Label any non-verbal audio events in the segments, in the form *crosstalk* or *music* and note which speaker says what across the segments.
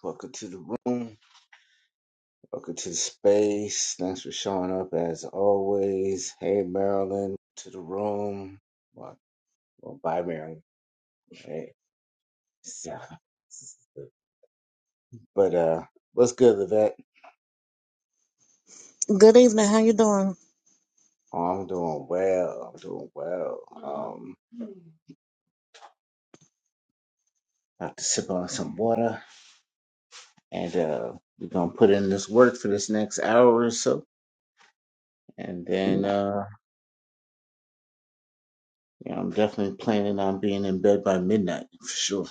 Speaker 1: Welcome to the room. Welcome to the space. Thanks for showing up as always. Hey, Marilyn, to the room. Well, well bye, Marilyn. Hey. *laughs* So, but uh, what's good, Levette?
Speaker 2: Good evening. How you doing?
Speaker 1: Oh, I'm doing well. I'm doing well. Um, have to sip on some water, and uh, we're gonna put in this work for this next hour or so. And then,
Speaker 2: No,
Speaker 1: uh, you know, I'm definitely planning on being in bed by midnight for sure.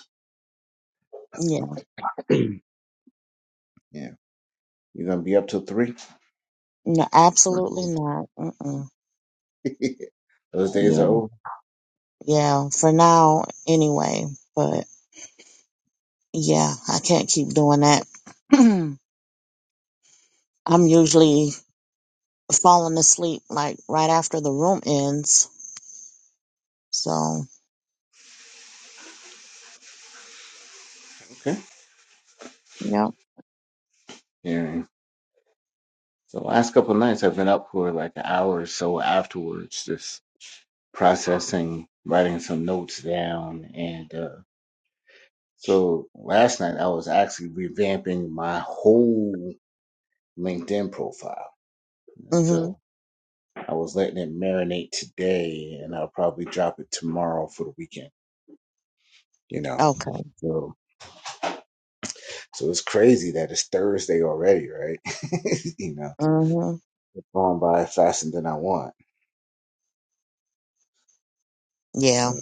Speaker 2: yeah,
Speaker 1: *clears throat* yeah, you're gonna be up till three.
Speaker 2: no, absolutely
Speaker 1: Mhm.
Speaker 2: not. Mm-mm.
Speaker 1: *laughs* Those days are
Speaker 2: Yeah,
Speaker 1: over.
Speaker 2: yeah. For now, anyway. But yeah, I can't keep doing that. *clears throat* I'm usually falling asleep like right after the room ends. So
Speaker 1: Okay.
Speaker 2: yeah,
Speaker 1: Yeah. The last couple of nights I've been up for like an hour or so afterwards, just processing, writing some notes down. And uh, so last night I was actually revamping my whole LinkedIn profile. And
Speaker 2: mm-hmm.
Speaker 1: so I was letting it marinate today and I'll probably drop it tomorrow for the weekend, you know.
Speaker 2: Okay.
Speaker 1: So so it's crazy that it's Thursday already, right? *laughs* you know,
Speaker 2: Mm-hmm.
Speaker 1: it's going by faster than I want.
Speaker 2: Yeah.
Speaker 1: Yeah,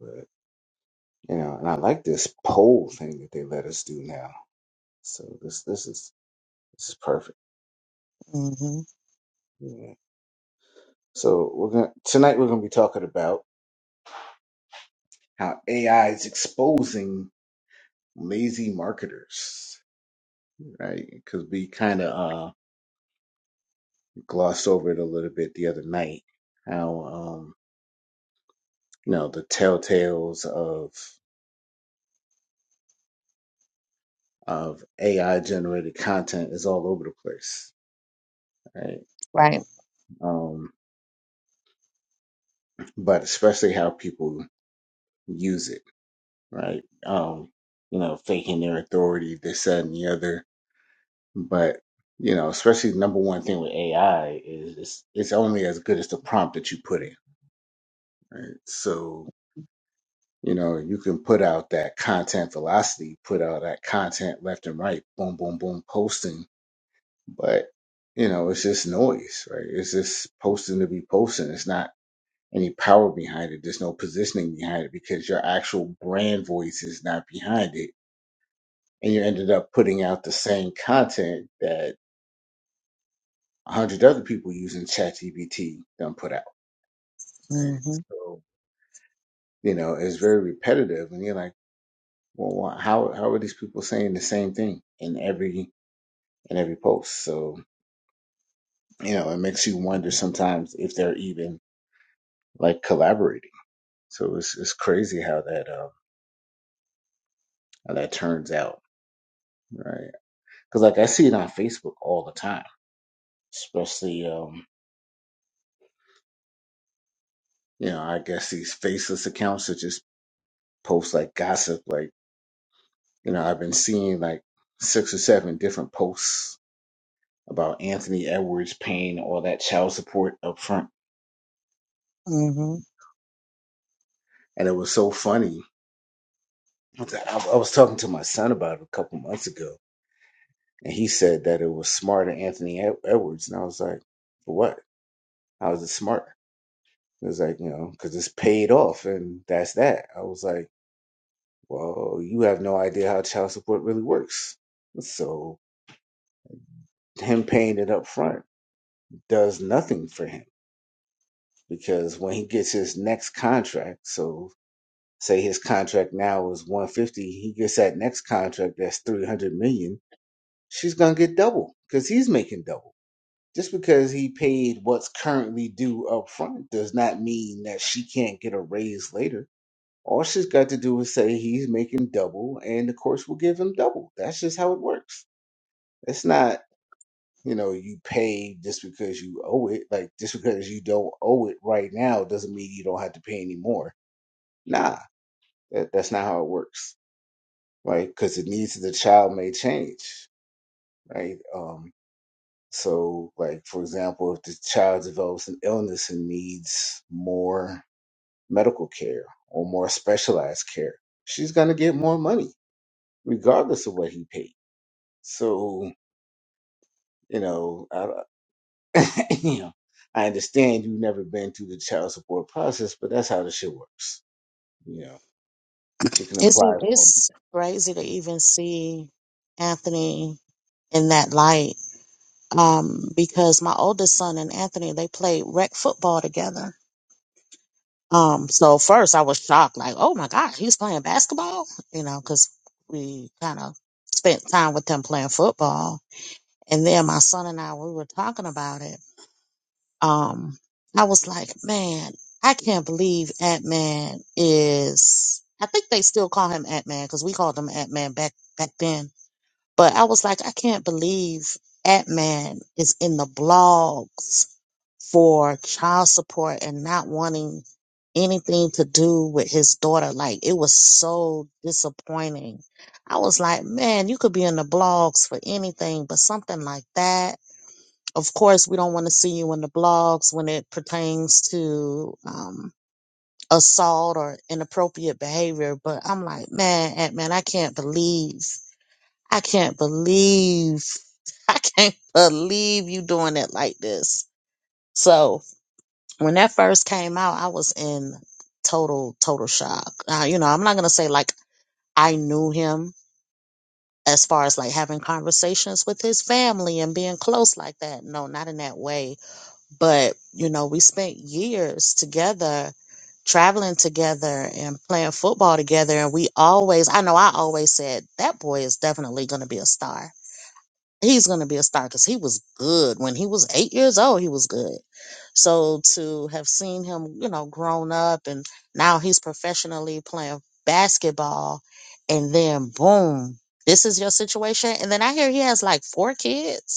Speaker 1: but you know, and I like this poll thing that they let us do now. So this this is this is perfect.
Speaker 2: Mm-hmm.
Speaker 1: Yeah. So we're gonna tonight we're gonna be talking about how AI is exposing lazy marketers, right? Because we kind of uh glossed over it a little bit the other night. How um you know the telltales of of AI generated content is all over the place, right?
Speaker 2: Right.
Speaker 1: Um, but especially how people use it right? Um, you know, faking their authority, this, that, and the other. But you know, especially the number one thing with AI is it's, it's only as good as the prompt that you put in, right? So you know, you can put out that content velocity, put out that content left and right, boom, boom, boom, posting. But you know, it's just noise, right? It's just posting to be posting. It's not any power behind it. There's no positioning behind it because your actual brand voice is not behind it and you ended up putting out the same content that a hundred other people using ChatGPT done put out. Right?
Speaker 2: Mm-hmm.
Speaker 1: So you know it's very repetitive, and you're like, well, why, how how are these people saying the same thing in every in every post? So you know it makes you wonder sometimes if they're even like collaborating. So it's it's crazy how that um how that turns out, right? Because like I see it on Facebook all the time, especially um you know I guess these faceless accounts such as posts like gossip. Like, you know, I've been seeing like six or seven different posts about Anthony Edwards paying all that child support up front.
Speaker 2: Mm-hmm.
Speaker 1: And it was so funny. I, was I was talking to my son about it a couple months ago, and he said that it was smart of Anthony Ed- Edwards. And I was like, for what? How is it smart? It was like, you know, because it's paid off and that's that. I was like, well, you have no idea how child support really works. So him paying it up front does nothing for him because when he gets his next contract, so say his contract now is 150, he gets that next contract that's 300 million, she's going to get double because he's making double. Just because he paid what's currently due up front does not mean that she can't get a raise later. All she's got to do is say he's making double and the course will give him double. That's just how it works. It's not, you know, you pay just because you owe it. Like just because you don't owe it right now doesn't mean you don't have to pay anymore Nah, that, that's not how it works, right? Because the needs of the child may change, right? Um, so, like for example, if the child develops an illness and needs more medical care or more specialized care, she's gonna get more money regardless of what he paid. So, you know, I, don't- *clears throat* you know, I understand you've never been through the child support process, but that's how the shit works. You know, she can
Speaker 2: It's
Speaker 1: apply for
Speaker 2: it's crazy to even see Anthony in that light. Um, because my oldest son and Anthony, they played rec football together. Um, so first I was shocked, like, oh my God, he's playing basketball, you know, because we kind of spent time with them playing football. And then my son and I, we were talking about it. Um, I was like, man, I can't believe Ant-Man is, I think they still call him Ant-Man because we called him Ant-Man back, back then But I was like, I can't believe Atman is in the blogs for child support and not wanting anything to do with his daughter. Like it was so disappointing. I was like, man, you could be in the blogs for anything, but something like that. Of course, we don't want to see you in the blogs when it pertains to um, assault or inappropriate behavior. But I'm like, man, Atman, I can't believe I can't believe, *laughs* I can't believe you doing it like this. So when that first came out, I was in total, total shock. Uh, you know, I'm not going to say like I knew him as far as like having conversations with his family and being close like that. No, not in that way. But, you know, we spent years together traveling together and playing football together and we always I know I always said that boy is definitely going to be a star he's going to be a star because he was good when he was eight years old. He was good. So to have seen him, you know, grown up and now he's professionally playing basketball, and then boom, this is your situation. And then I hear he has like four kids.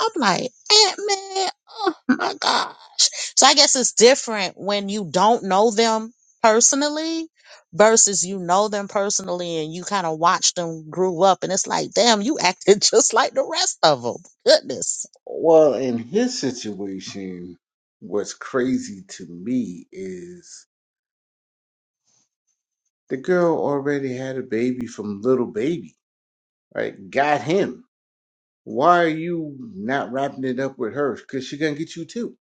Speaker 2: I'm like, Ant Man, oh my gosh. So I guess it's different when you don't know them personally versus you know them personally and you kind of watch them grew up and it's like, damn, you acted *laughs* just like the rest of them. Goodness.
Speaker 1: Well, in his situation, what's crazy to me is the girl already had a baby from little baby, right? Got him. Why are you not wrapping it up with her? Because she's gonna get you too.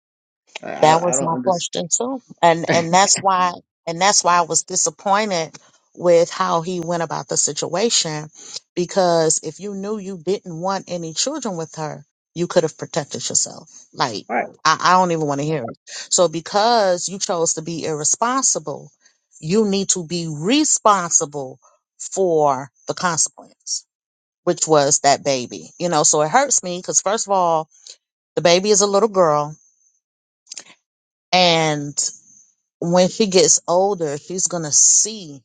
Speaker 1: I
Speaker 2: That
Speaker 1: I, I
Speaker 2: was
Speaker 1: don't
Speaker 2: my
Speaker 1: understand.
Speaker 2: question too. And
Speaker 1: *laughs*
Speaker 2: and that's why and that's why I was disappointed with how he went about the situation because if you knew you didn't want any children with her, you could have protected yourself. Like
Speaker 1: right?
Speaker 2: I, I don't even want to hear it. So because you chose to be irresponsible, you need to be responsible for the consequence, which was that baby. You know, so it hurts me because first of all, the baby is a little girl and when she gets older, she's gonna see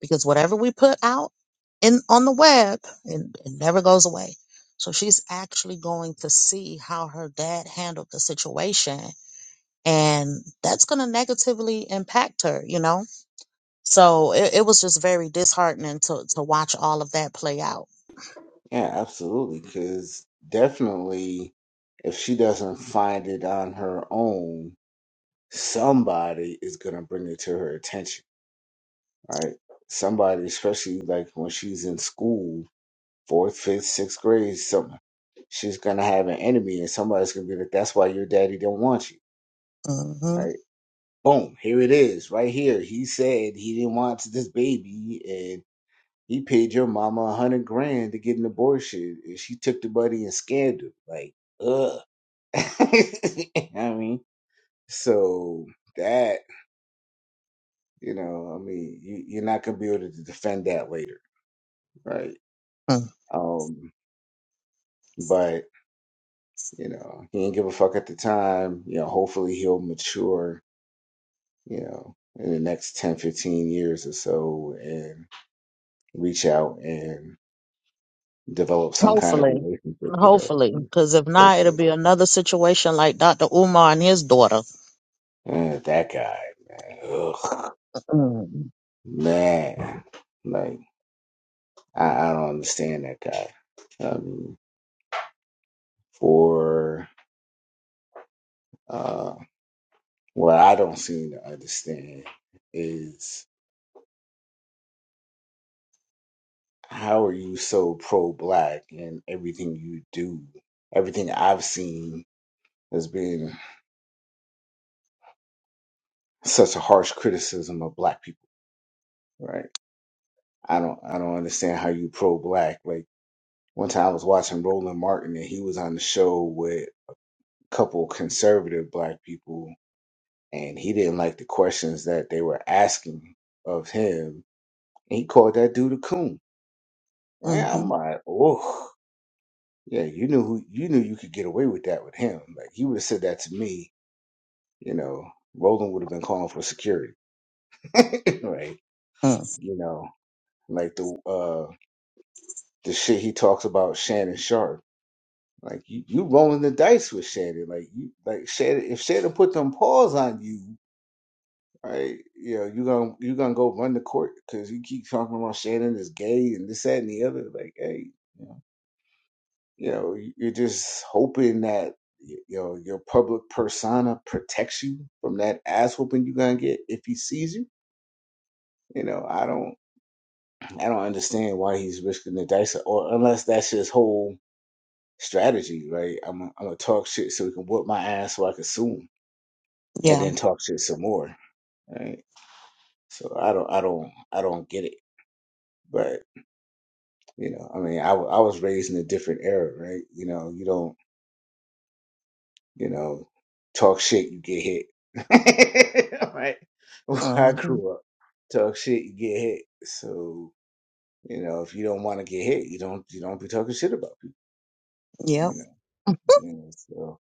Speaker 2: because whatever we put out in on the web, it, it never goes away. So she's actually going to see how her dad handled the situation, and that's gonna negatively impact her, you know. So it, it was just very disheartening to to watch all of that play out.
Speaker 1: Yeah, absolutely. Because definitely, if she doesn't find it on her own, somebody is gonna bring it to her attention, right? Somebody, especially like when she's in school fourth, fifth, sixth grade, something. She's gonna have an enemy, and somebody's gonna be like, "That's why your daddy didn't want you."
Speaker 2: hmm
Speaker 1: Right? Boom! Here it is, right here. He said he didn't want this baby, and he paid your mama a hundred grand to get an abortion, and she took the money and scammed him. Like, ugh. *laughs* You know what I mean, so that you know, I mean, you, you're not gonna be able to defend that later, right? Um, but. You know, he didn't give a fuck at the time. You know, hopefully he'll mature, you know, in the next 10, 15 years or so and reach out and develop some kind of
Speaker 2: Hopefully,
Speaker 1: relationship with her.
Speaker 2: hopefully, because if not, it'll
Speaker 1: Hopefully.
Speaker 2: be another situation like Dr. Umar and his daughter.
Speaker 1: Uh, that guy, man. Ugh.
Speaker 2: Mm-hmm.
Speaker 1: Man. Like, I, I don't understand that guy. I mean, for uh, what I don't seem to understand is how are you so pro black and everything you do everything i've seen has been such a harsh criticism of black people right i don't i don't understand how you pro black like one time i was watching roland martin and he was on the show with a couple conservative black people and he didn't like the questions that they were asking of him and he called that dude a coon right i'm
Speaker 2: Mm-hmm.
Speaker 1: like oh yeah you knew who you knew you could get away with that with him like you would have said that to me You know, Roland would have been calling for security, *laughs* right?
Speaker 2: Mm.
Speaker 1: You know, like the uh the shit he talks about Shannon Sharp. Like you, you rolling the dice with Shannon. Like you like Shannon if Shannon put them paws on you, right, you know, you gonna you gonna go run the court because you keep talking about Shannon is gay and this, that and the other. Like, hey, you know, you know, you- are just hoping that y- you know your public persona protects you from that ass whooping you gonna get if he sees you. You know, I don't. I don't understand why he's risking the dice, or unless that's his whole strategy, right? I'm i I'm gonna talk shit so he can whip my ass so I can sue him, and
Speaker 2: Yeah.
Speaker 1: then talk shit some more, right? So I don't, I don't, I don't get it. But you know, I mean, I wa- I was raised in a different era, right? You know, you don't, you know, talk shit, you get hit, *laughs* right? Where I
Speaker 2: Mhm.
Speaker 1: grew up, talk shit, you get hit. So you know, if you don't want to get hit, you don't, you don't be talking shit about people,
Speaker 2: Yep.
Speaker 1: you know. Yeah, so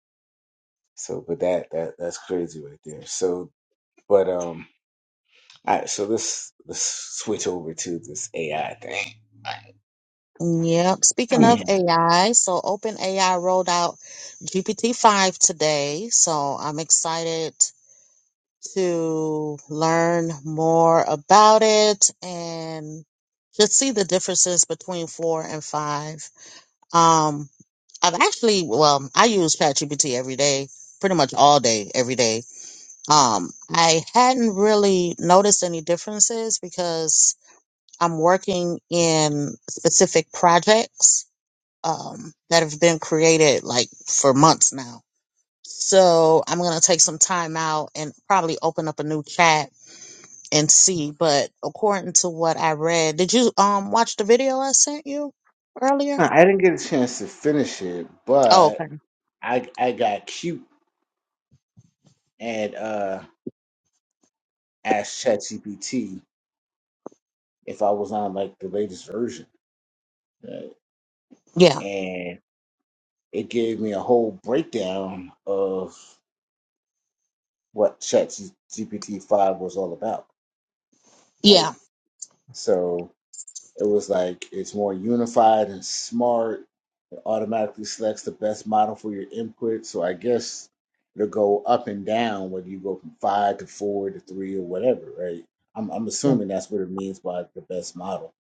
Speaker 1: So, but that that that's crazy right there. So, but um, all right. So let's let's switch over to this AI thing.
Speaker 2: Yep. Speaking of
Speaker 1: Yeah.
Speaker 2: AI, so OpenAI rolled out GPT-5 today. So I'm excited to learn more about it and just see the differences between four and five. Um, I've actually, well, I use ChatGPT every day, pretty much all day, every day. Um, I hadn't really noticed any differences because I'm working in specific projects um, that have been created like for months now. So I'm going to take some time out and probably open up a new chat and see. But according to what I read, did you um watch the video I sent you earlier?
Speaker 1: Now, I didn't get a chance to finish it,
Speaker 2: Oh,
Speaker 1: but
Speaker 2: okay.
Speaker 1: I I got cute and uh asked ChatGPT if I was on like the latest version, right?
Speaker 2: Yeah.
Speaker 1: and it gave me a whole breakdown of what ChatGPT five was all about. Like,
Speaker 2: Yeah.
Speaker 1: so it was like it's more unified and smart automatically selects the best model for your input. So I guess it'll go up and down whether you go from five to four to three or whatever, right? I'm, I'm assuming that's what it means by the best model.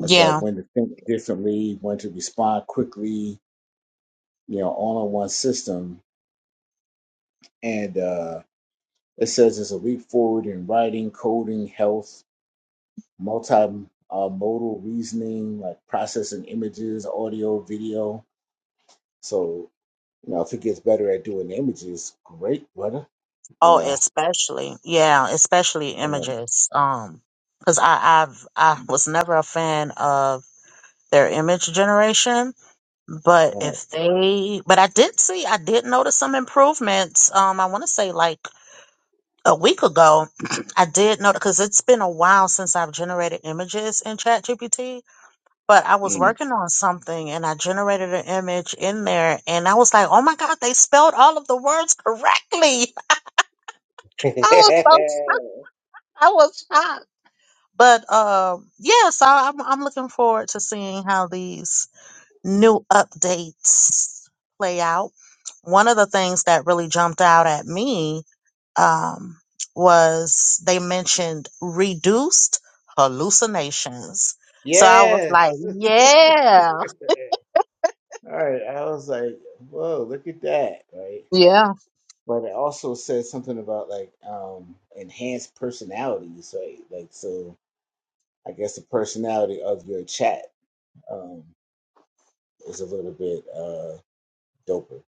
Speaker 1: That's uh, when to think differently, when to respond quickly, you know, all in one system. And uh, it says it's a leap forward in writing, coding, health, multi uh, modal reasoning, like processing images, audio, video. So You know, if he gets better at doing images, great, brother. You
Speaker 2: Oh,
Speaker 1: know,
Speaker 2: especially. Yeah, especially
Speaker 1: um,
Speaker 2: images. Um, because I I've I was never a fan of their image generation But
Speaker 1: right?
Speaker 2: if they, but I did see, I did notice some improvements. Um, I want to say like a week ago, *clears throat* I did notice because it's been a while since I've generated images in ChatGPT. But I was
Speaker 1: Mm.
Speaker 2: working on something and I generated an image in there, and I was like, "Oh my God, they spelled all of the words correctly!" *laughs* I was so shocked.
Speaker 1: *laughs*
Speaker 2: I was shocked. But um, yeah, so I'm I'm looking forward to seeing how these new updates play out. One of the things that really jumped out at me um, was they mentioned reduced hallucinations. So I was like,
Speaker 1: yes. *laughs*
Speaker 2: yeah,
Speaker 1: All right. I was like, whoa, look at that, right?
Speaker 2: yeah,
Speaker 1: But it also says something about like um enhanced personalities, right? Like, so I guess the personality of your chat um is a little bit uh doper,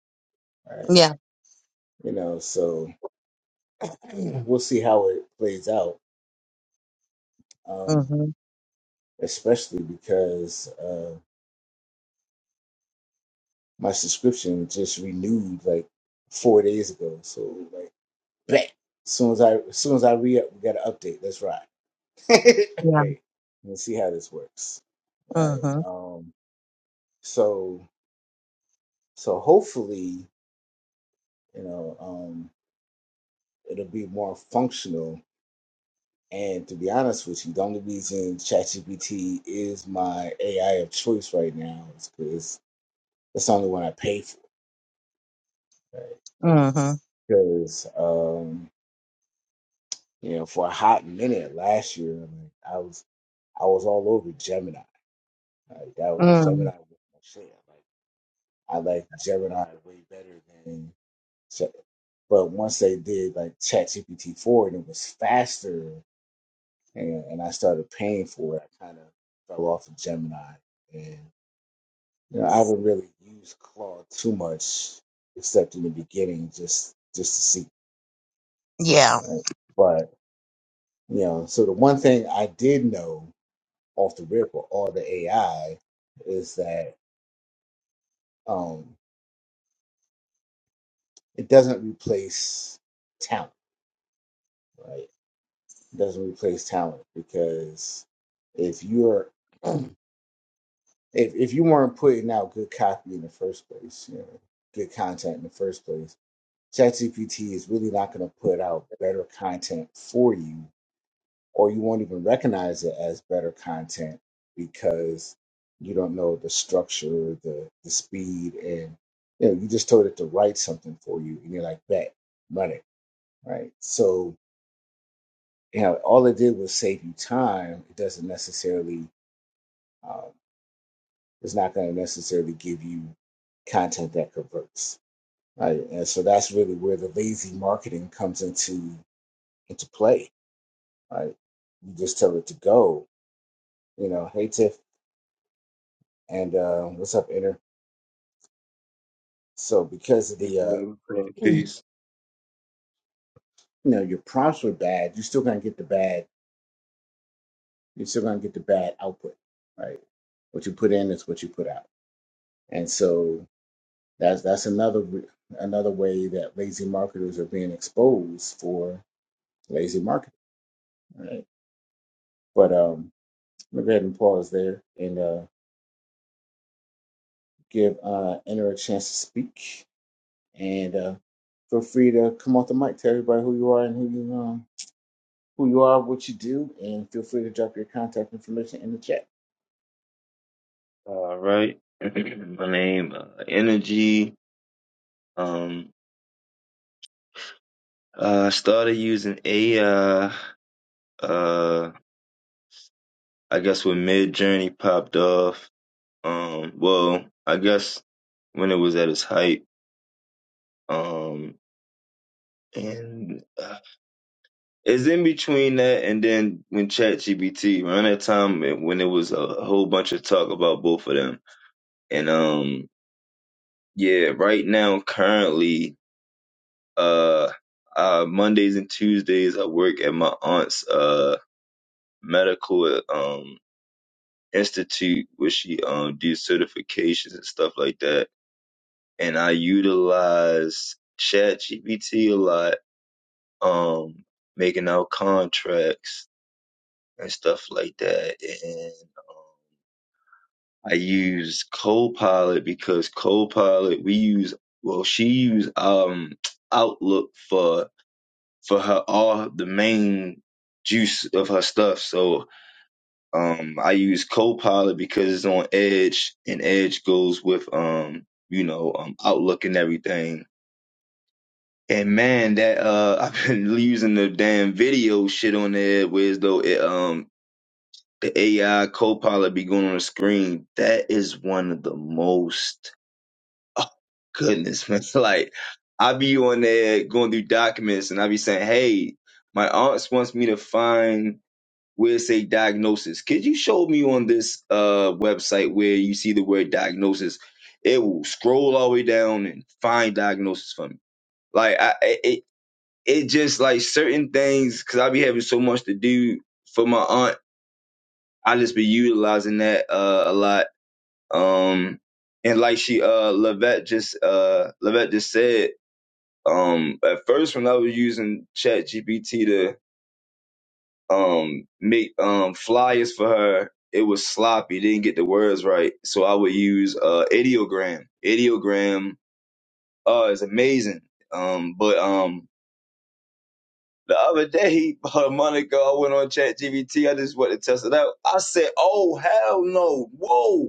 Speaker 1: right?
Speaker 2: yeah,
Speaker 1: You know, so *clears throat* we'll see how it plays out. Um,
Speaker 2: mm-hmm,
Speaker 1: especially because uh, my subscription just renewed like four days ago. So like, bet. As Soon as I, as soon as I re up, we got an update. Let's ride. *laughs*
Speaker 2: yeah,
Speaker 1: right. Let's see how this works. Right.
Speaker 2: hmm
Speaker 1: Um. So so hopefully you know um it'll be more functional. And to be honest with you, the only reason ChatGPT is my AI of choice right now is because it's the only one I pay for. Right.
Speaker 2: hmm
Speaker 1: Because You know, for a hot minute last year, like, I was I was all over Gemini. Like that was Gemini
Speaker 2: mm,
Speaker 1: was my shit. Like I like Gemini way better than. Ge- But once they did like ChatGPT four and it was faster, and, and I started paying for it, I kind of fell off of Gemini. And you know, I haven't really used Claude too much, except in the beginning, just just to see.
Speaker 2: yeah,
Speaker 1: Right? But you know, so the one thing I did know off the rip or all the AI is that um, it doesn't replace talent, right? It doesn't replace talent because if you're *clears throat* if if you weren't putting out good copy in the first place, you know, good content in the first place, ChatGPT is really not going to put out better content for you or you won't even recognize it as better content because you don't know the structure, the the speed, and you know you just told it to write something for you, and you're like, bet, run it, right? So you know, all it did was save you time. It doesn't necessarily, um, it's not going to necessarily give you content that converts, right? And so that's really where the lazy marketing comes into into play, right? You just tell it to go, you know, hey Tiff. and uh, what's up, Inner? So because of
Speaker 3: Peace,
Speaker 1: the uh,
Speaker 3: brother. Say
Speaker 1: *clears throat* you
Speaker 3: Peace.
Speaker 1: know your prompts were bad, you're still gonna get the bad. You're still gonna get the bad output, right? What you put in is what you put out, and so that's that's another re- another way that lazy marketers are being exposed for lazy marketing, right? But um, let me go ahead and pause there and uh, give uh, Inner a chance to speak, and uh, feel free to come off the mic, tell everybody who you are and who you um who you are, what you do, and feel free to drop your contact information in the chat.
Speaker 3: All right. *clears throat* My name, uh, Energy. Um, uh, I started using AI, uh, uh, I guess when Mid Journey popped off. Um, well, I guess when it was at its height. Um, and uh, it's in between that and then when ChatGPT, around that time it- when it was a whole bunch of talk about both of them. And, um, yeah, right now, currently, Uh, uh, Mondays and Tuesdays I work at my aunt's uh medical um institute where she um do certifications and stuff like that. And I utilize ChatGPT a lot, um, making out contracts and stuff like that. And I use Copilot because Copilot we use well she used um Outlook for for her all the main juice of her stuff. So um I use Copilot because it's on Edge and Edge goes with um, you know, um Outlook and everything. And man, that uh *laughs* I've been using the damn video shit on there where as though it um the AI Copilot be going on the screen. That is one of the most oh goodness, man. *laughs* Like I be on there going through documents and I be saying, Hey, my aunt wants me to find where it say diagnosis. Could you show me on this uh website where you see the word diagnosis? It will scroll all the way down and find diagnosis for me. Like I I- it it just like certain things because I be having so much to do for my aunt. I just be utilizing that uh a lot. Um and like she uh Levette just uh Levette just said um at first when I was using Chat GPT to um make um flyers for her. It was sloppy, didn't get the words right. So I would use uh ideogram. Ideogram uh is amazing. Um but um the other day, *laughs* about a month ago, I went on Chat GBT. I just wanted to test it out. I said, Oh hell no, whoa.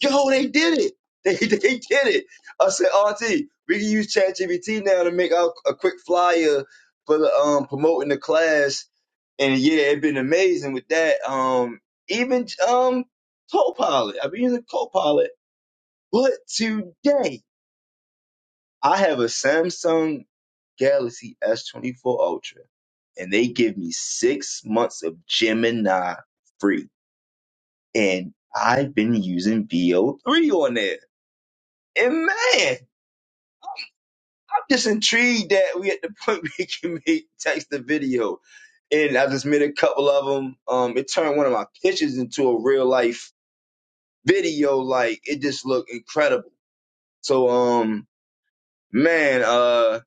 Speaker 3: Yo, they did it. They, *laughs* they did it. I said, Auntie, we can use ChatGPT now to make out a quick flyer for the, um, promoting the class. And yeah, it's been amazing with that. Um, even um, Copilot. I've been using Copilot. But today, I have a Samsung Galaxy S24 Ultra, and they give me six months of Gemini free. And I've been using VO3 on there. And man, just intrigued that we at the point *laughs* we can make text the video. And I just made a couple of them. Um, it turned one of my pictures into a real life video. Like it just looked incredible. So, um, man, uh,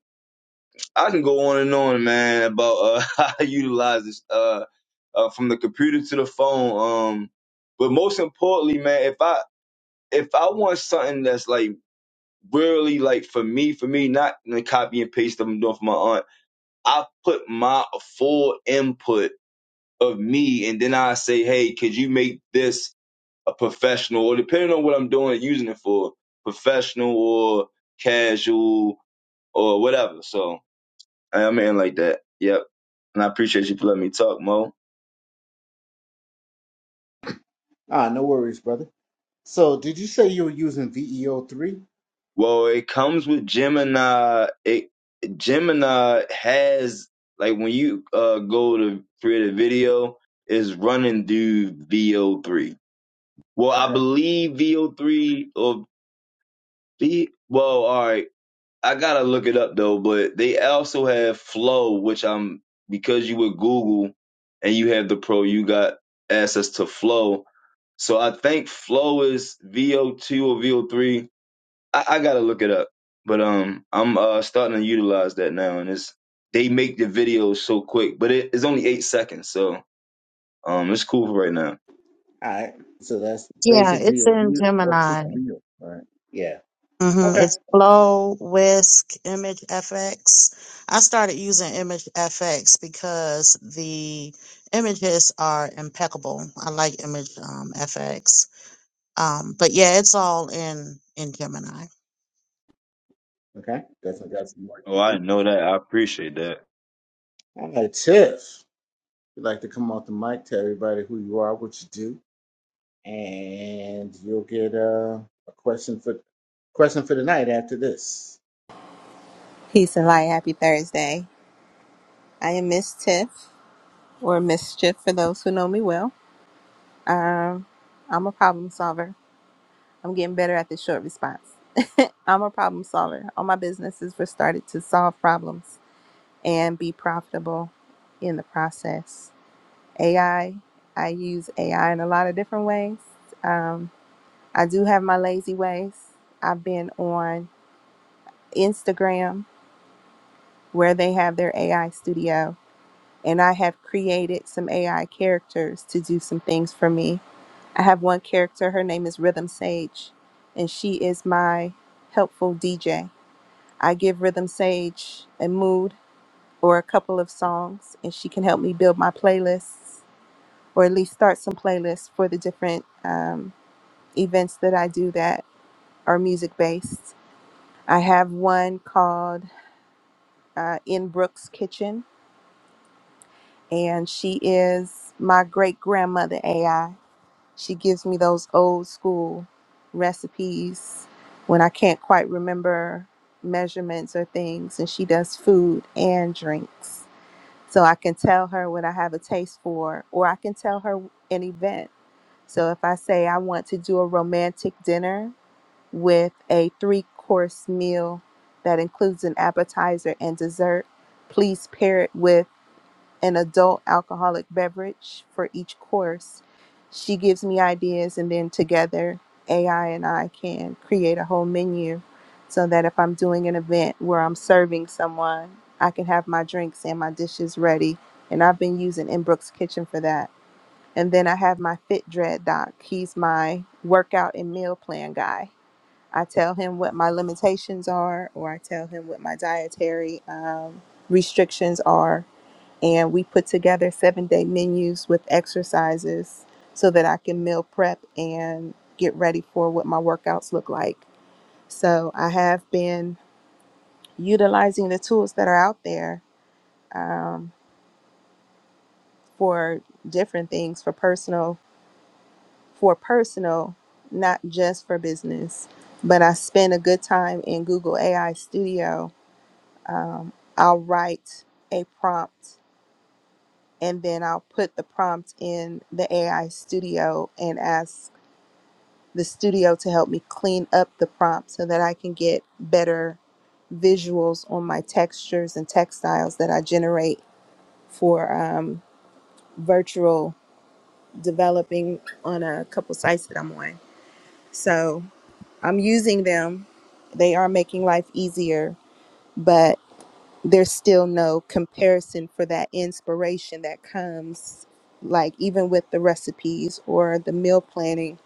Speaker 3: I can go on and on, man, about uh, *laughs* how I utilize this, uh, uh, from the computer to the phone. Um, but most importantly, man, if I if I want something that's like really like for me, for me, not the copy and paste that I'm doing for my aunt I put my full input of me and then I say, hey, could you make this a professional or depending on what I'm doing, using it for professional or casual or whatever. So I'm in like that. Yep. And I appreciate you for letting me talk, Mo.
Speaker 1: Ah, no worries, brother. So, did you say you were using VEO3?
Speaker 3: Well, it comes with Gemini. It Gemini has like when you uh go to create a video, it's running through VO3. Well, I
Speaker 1: Okay.
Speaker 3: believe VO3 or B well, all right. I gotta look it up though, but they also have Flow, which I'm because you with Google and you have the Pro, you got access to Flow. So I think Flow is VO2 or VO3. I, I gotta look it up, but um, I'm uh starting to utilize that now, and it's they make the videos so quick, but it, it's only eight seconds, so um, it's cool for right now.
Speaker 1: All right. So that's
Speaker 2: yeah.
Speaker 1: basically
Speaker 2: It's
Speaker 1: a
Speaker 2: in
Speaker 1: real, a quick
Speaker 2: Gemini
Speaker 1: reel. All right. Yeah.
Speaker 2: hmm
Speaker 1: Okay.
Speaker 2: It's Flow, Whisk, Image FX. I started using Image FX because the images are impeccable. I like Image um, FX. Um, but yeah, it's all in in Gemini.
Speaker 1: Okay. Definitely got some work to
Speaker 3: Oh, I
Speaker 1: do.
Speaker 3: know that. I appreciate that.
Speaker 1: All right, Tiff. You'd like to come off the mic, tell everybody who you are, what you do, and you'll get uh, a question for question for the night after this.
Speaker 4: Peace and light. Happy Thursday. I am Miss Tiff, or Mischief for those who know me well. Um, I'm a problem solver. I'm getting better at the short response. I'm a problem solver. All my businesses were started to solve problems and be profitable in the process. AI, I I use AI in a lot of different ways. Um, I do have my lazy ways. I've been on Instagram where they have their AI studio and I have created some AI characters to do some things for me. I have one character, her name is Rhythm Sage, and she is my helpful DJ. I give Rhythm Sage a mood or a couple of songs, and she can help me build my playlists or at least start some playlists for the different um, events that I do that are music based. I have one called uh, In Brooks Kitchen, and she is my great grandmother AI She gives me those old school recipes when I can't quite remember measurements or things, and she does food and drinks. So I can tell her what I have a taste for, or I can tell her an event. So if I say I want to do a romantic dinner with a three course meal that includes an appetizer and dessert, please pair it with an adult alcoholic beverage for each course. She gives me ideas, and then together, AI and I can create a whole menu so that if I'm doing an event where I'm serving someone, I can have my drinks and my dishes ready. And I've been using Inbrook's Kitchen for that. And then I have my Fit Dread doc. He's my workout and meal plan guy. I tell him what my limitations are, or I tell him what my dietary um, restrictions are and we put together seven day menus with exercises so that I can meal prep and get ready for what my workouts look like. So I have been utilizing the tools that are out there um, for different things for personal, for personal, not just for business. But I spend a good time in Google AI Studio. Um, I'll write a prompt and then I'll put the prompt in the AI studio and ask the studio to help me clean up the prompt so that I can get better visuals on my textures and textiles that I generate for um, virtual developing on a couple sites that I'm on. So I'm using them. They are making life easier, but. there's still no comparison for that inspiration that comes like even with the recipes or the meal planning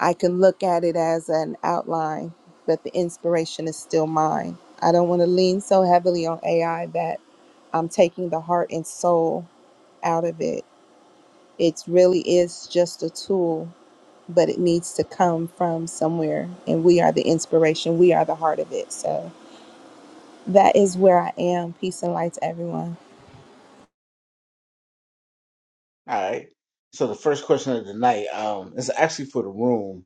Speaker 4: i can look at it as an outline but the inspiration is still mine i don't want to lean so heavily on ai that i'm taking the heart and soul out of it it really is just a tool but it needs to come from somewhere and we are the inspiration we are the heart of it so that is where i am peace and light to everyone
Speaker 1: All right. So the first question of the night um, is actually for the room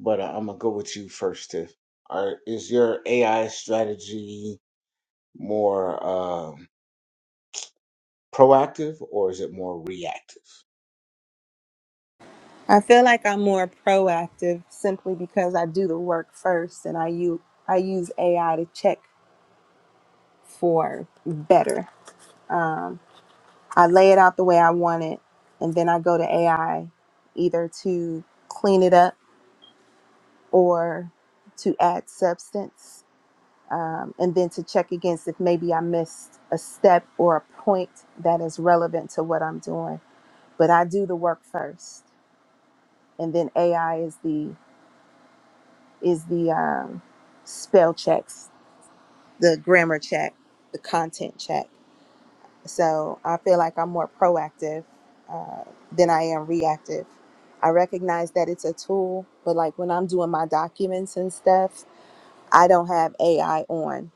Speaker 1: but uh, I'm gonna go with you first, Tiff. Are, is your AI strategy more um, proactive or is it more reactive?
Speaker 4: I feel like I'm more proactive simply because I do the work first and I use I use AI to check for better. I lay it out the way I want it and then I go to AI either to clean it up or to add substance um, and then to check against if maybe I missed a step or a point that is relevant to what I'm doing. But I do the work first and then AI is the is the um, spell checks the grammar check, the content check. So I feel like I'm more proactive uh, than I am reactive. I recognize that it's a tool, but like when I'm doing my documents and stuff, I don't have AI on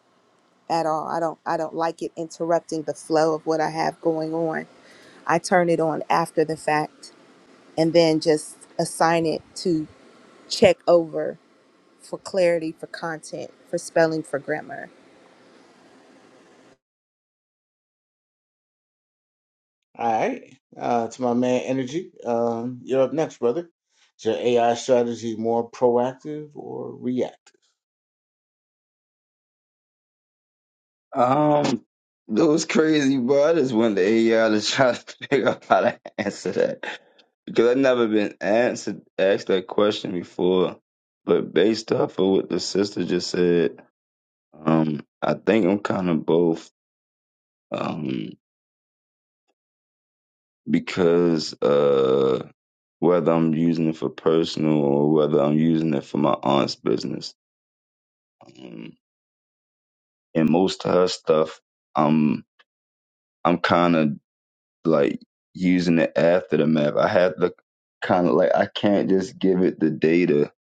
Speaker 4: at all. I don't I don't like it interrupting the flow of what I have going on. I turn it on after the fact and then just assign it to check over for clarity, for content, for spelling, for grammar
Speaker 1: All right, uh, to my man, Energy, um, you're up next, brother. Is your AI strategy more proactive or reactive?
Speaker 3: Um, that was crazy, bro. I just wanted to AI y'all to try to *laughs* figure out how to answer that because I've never been answered asked that question before. But based off of what the sister just said, um, I think I'm kind of both. Um, because uh, whether I'm using it for personal or whether I'm using it for my aunt's business, um, and most of her stuff, um, I'm kind of like using it after the map, I have to kind of like I can't just give it the data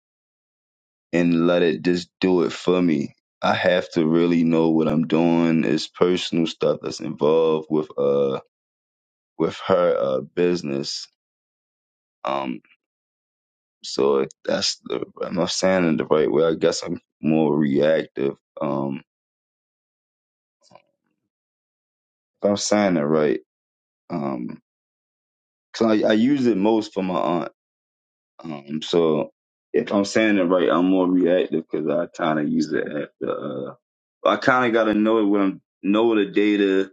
Speaker 3: and let it just do it for me. I have to really know what I'm doing. It's personal stuff that's involved with uh with her uh business. Um, so if that's the am I saying it the right way? I guess I'm more reactive. Um, if I'm saying it right, um, 'cause I, I use it most for my aunt Um, so if I'm saying it right, I'm more reactive because I kind of use it at the. Uh, I kind of got to know it when I'm know the data.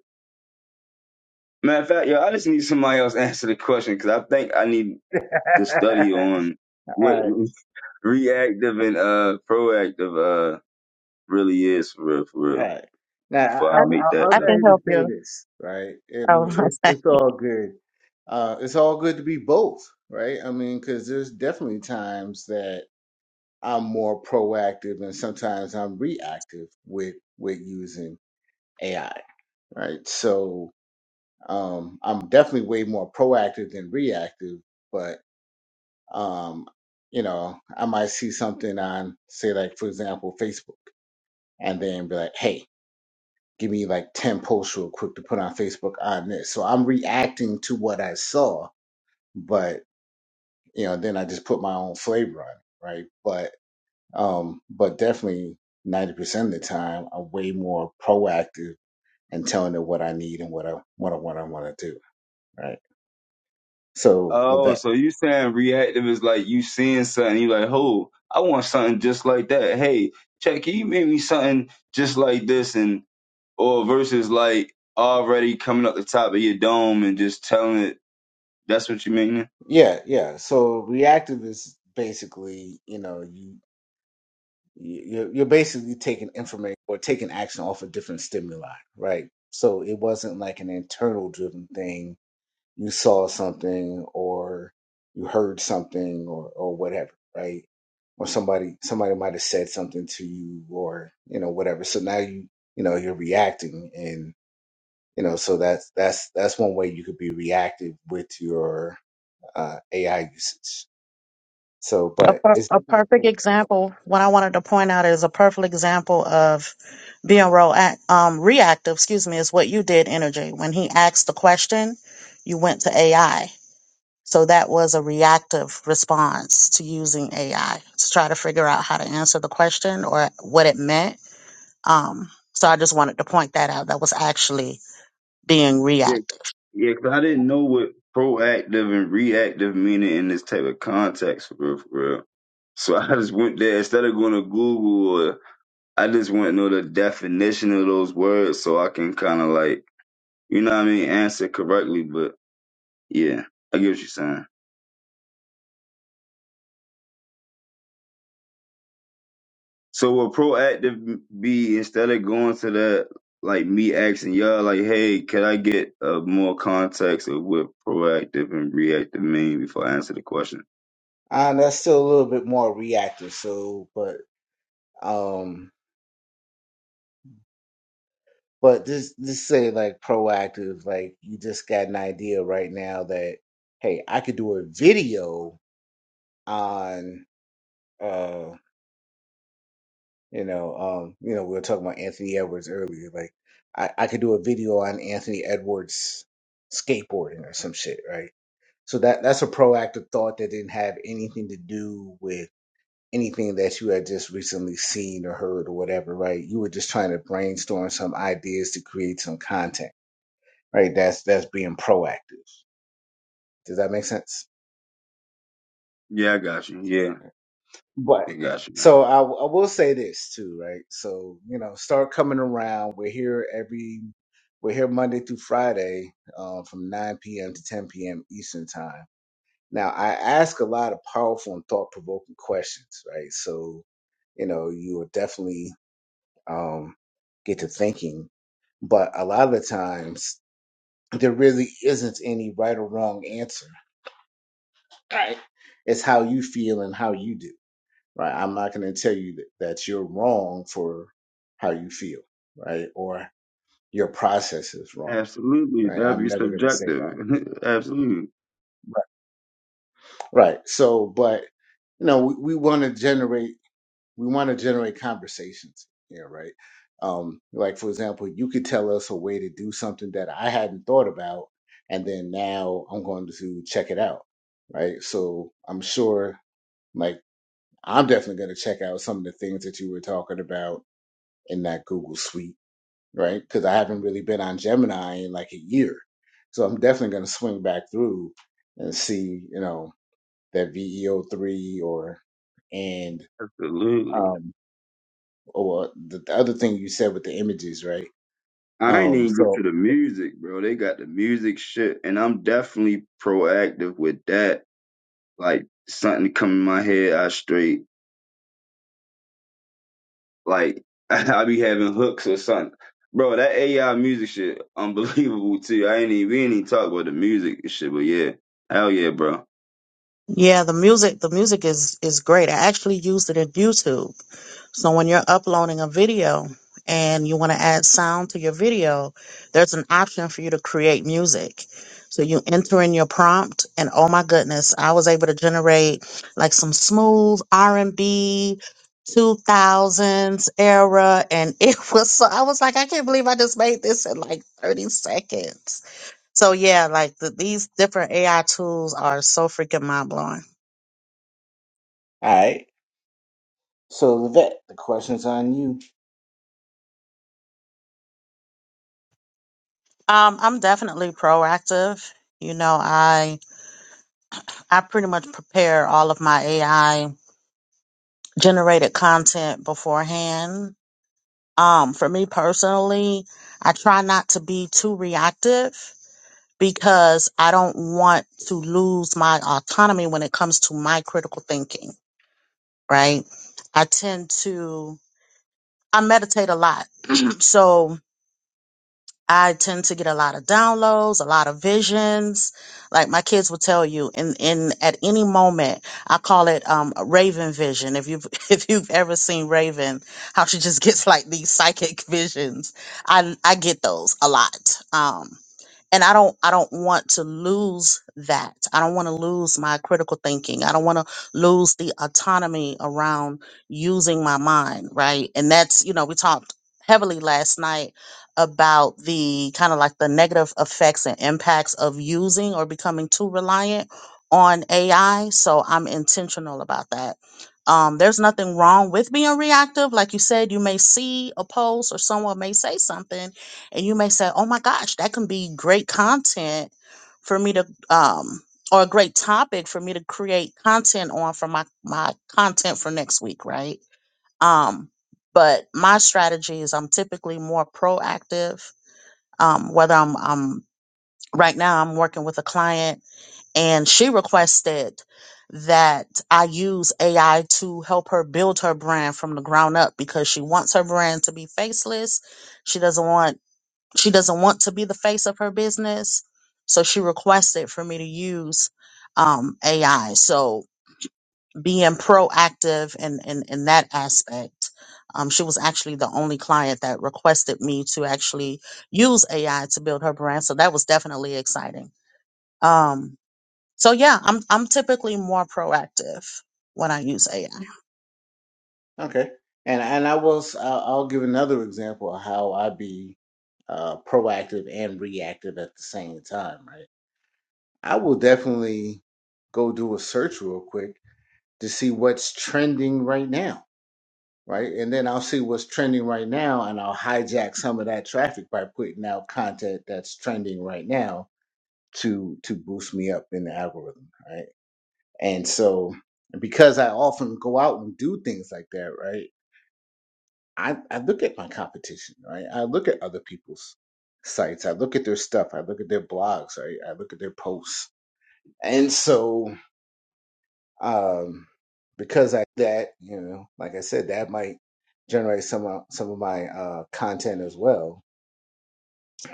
Speaker 3: Matter of fact, yo, I just need somebody else to *laughs* answer the question because I think I need
Speaker 1: *laughs*
Speaker 3: to study on
Speaker 1: all
Speaker 3: what
Speaker 1: right,
Speaker 3: *laughs* reactive and uh proactive uh really is for real, for
Speaker 1: all
Speaker 3: real.
Speaker 1: right. Now
Speaker 3: Before I
Speaker 2: I,
Speaker 1: I'll,
Speaker 3: make
Speaker 1: I'll,
Speaker 3: that.
Speaker 1: I'll
Speaker 2: I
Speaker 1: go
Speaker 3: Up.
Speaker 1: ahead
Speaker 2: can
Speaker 1: and
Speaker 2: help
Speaker 1: say
Speaker 2: you.
Speaker 1: this, right? I
Speaker 2: Oh, *laughs*
Speaker 1: mean, it's
Speaker 2: okay.
Speaker 1: it's all good. Uh, it's all good to be both, right? I mean, because there's definitely times that I'm more proactive and sometimes I'm reactive with with using AI, right? So um, I'm definitely way more proactive than reactive, but um, you know, I might see something on, say, like for example, Facebook, and then be like, "Hey, give me like ten posts real quick to put on Facebook on this." So I'm reacting to what I saw, but you know, then I just put my own flavor on it, right? But Um, but definitely 90% of the time, I'm way more proactive and telling them what I need and what I what I, what I want to do. Right. So
Speaker 3: Oh,
Speaker 1: Levette,
Speaker 3: so you saying reactive is like you seeing something, you like, oh, I want something just like that. Hey, check, can you make me something just like this? And or versus like already coming up the top of your dome and just telling it that's what you mean?
Speaker 1: yeah, yeah. So reactive is basically, you know, you you- you're you're basically taking information or taking action off of different stimuli, right? So it wasn't like an internal driven thing you saw something or you heard something or or whatever, right? Or somebody somebody might have said something to you or you know whatever. So now you you know you're reacting and you know so that's that's that's one way you could be reactive with your uh, AI usage. So,
Speaker 2: A,
Speaker 1: but
Speaker 2: per-
Speaker 1: it's
Speaker 2: a
Speaker 1: definitely
Speaker 2: perfect
Speaker 1: capable.
Speaker 2: example. What I wanted to point out is a perfect example of being real act, um, reactive. Excuse me, is what you did, Energy. When he asked the question, you went to AI So that was a reactive response to using AI to try to figure out how to answer the question or what it meant. Um, so I just wanted to point that out. That was actually being
Speaker 3: Yeah,
Speaker 2: reactive.
Speaker 3: yeah. Cause I didn't know what proactive and reactive meaning in this type of context for real, for real. So *laughs* I just went there instead of going to Google or I just went to know the definition of those words so I can kind of like you know what I mean answer correctly. But yeah, I get what you're saying. So will proactive be instead of going to that like me asking y'all like, hey, can I get uh, more context of what proactive and reactive mean before I answer the question?
Speaker 1: Uh, that's still a little bit more reactive. So, but um But just just say like proactive, like you just got an idea right now that hey, I could do a video on uh you know, um, you know, we were talking about Anthony Edwards earlier, like I, I could do a video on Anthony Edwards skateboarding or some shit, right? So that that's a proactive thought that didn't have anything to do with anything that you had just recently seen or heard or whatever, right? You were just trying to brainstorm some ideas to create some content right? That's that's being proactive. Does that make sense?
Speaker 3: Yeah, I got you. Yeah,
Speaker 1: But
Speaker 3: I got you, man.
Speaker 1: so I I will say this too, right? So you know, start coming around. We're here every we're here Monday through Friday um, from 9 p.m. to 10 p.m. Eastern time. Now I ask a lot of powerful and thought provoking questions, right? So you know, you will definitely um, get to thinking. But a lot of the times, there really isn't any right or wrong answer right? It's how you feel and how you do, right? I'm not going to tell you that, that you're wrong for how you feel, right? Or your process is wrong,
Speaker 3: Absolutely,
Speaker 1: right?
Speaker 3: that'd
Speaker 1: I'm
Speaker 3: be
Speaker 1: never going to say
Speaker 3: subjective.
Speaker 1: that,
Speaker 3: *laughs* Absolutely,
Speaker 1: right? So, but you know, we, we want to generate, we want to generate conversations here, right? Um, like for example, you could tell us a way to do something that I hadn't thought about, and then now I'm going to check it out, right? So I'm sure like. I'm definitely going to check out some of the things that you were talking about in that Google Suite, right? Because I haven't really been on Gemini in like a year, so I'm definitely going to swing back through and see, you know, that VEO three or and
Speaker 3: absolutely.
Speaker 1: um or the, the other thing you said with the images, right?
Speaker 3: I ain't
Speaker 1: Um,
Speaker 3: even
Speaker 1: so
Speaker 3: get
Speaker 1: all
Speaker 3: to the music, bro. They got the music shit, and I'm definitely proactive with that. Like something come in my head, I straight Like *laughs* I be having hooks or something. Bro, that AI music shit unbelievable too. I ain't even we ain't even talk about the music and shit, but yeah. Hell yeah, bro.
Speaker 2: Yeah, the music, the music is is great. I actually used it in YouTube So when you're uploading a video and you want to add sound to your video, there's an option for you to create music. So you enter in your prompt and oh my goodness, I was able to generate like some smooth R&B 2000s era and *laughs* it was so I was like I can't believe I just made this in like 30 seconds. So yeah, like the, these different AI tools are so freaking mind-blowing.
Speaker 1: right, so Levette, the question's on you.
Speaker 2: Um I'm definitely proactive. You know, I I pretty much prepare all of my AI generated content beforehand. Um, for me personally, I try not to be too reactive because I don't want to lose my autonomy when it comes to my critical thinking, right? I tend to, I meditate a lot. *clears throat* so I tend to get a lot of downloads, a lot of visions. Like my kids will tell you, in in at any moment, I call it um a Raven vision. If you've *laughs* if you've ever seen Raven, how she just gets like these psychic *laughs* visions. I I get those a lot. Um and i don't i don't want to lose that i don't want to lose my critical thinking i don't want to lose the autonomy around using my mind right and that's you know we talked heavily last night about the kind of like the negative effects and impacts of using or becoming too reliant on ai so i'm intentional about that um, there's nothing wrong with being reactive like you said you may see a post or someone may say something and you may say, "Oh my gosh, that can be great content for me to um or a great topic for me to create content on for my my content for next week, right?" Um but my strategy is I'm typically more proactive. Um whether I'm um right now I'm working with a client and she requested that I use AI to help her build her brand from the ground up because she wants her brand to be faceless. She doesn't want she doesn't want to be the face of her business. So she requested for me to use um, AI. So being proactive in, in, in that aspect. Um, she was actually the only client that requested me to actually use AI to build her brand. So that was definitely exciting. Um, so yeah, I'm I'm typically more proactive when I use AI.
Speaker 1: Okay. And and I will s- I'll I'll give another example of how I be uh, proactive and reactive at the same time, right? I will definitely go do a search real quick to see what's trending right now, right? And then I'll see what's trending right now and I'll hijack some of that traffic by putting out content that's trending right now to to boost me up in the algorithm, right? And so because I often go out and do things like that, right? I, I look at my competition, right? I look at other people's sites. I look at their stuff. I look at their blogs. Right? I look at their posts. And so, um, because I that you know, like I said, that might generate some of, some of my uh, content as well.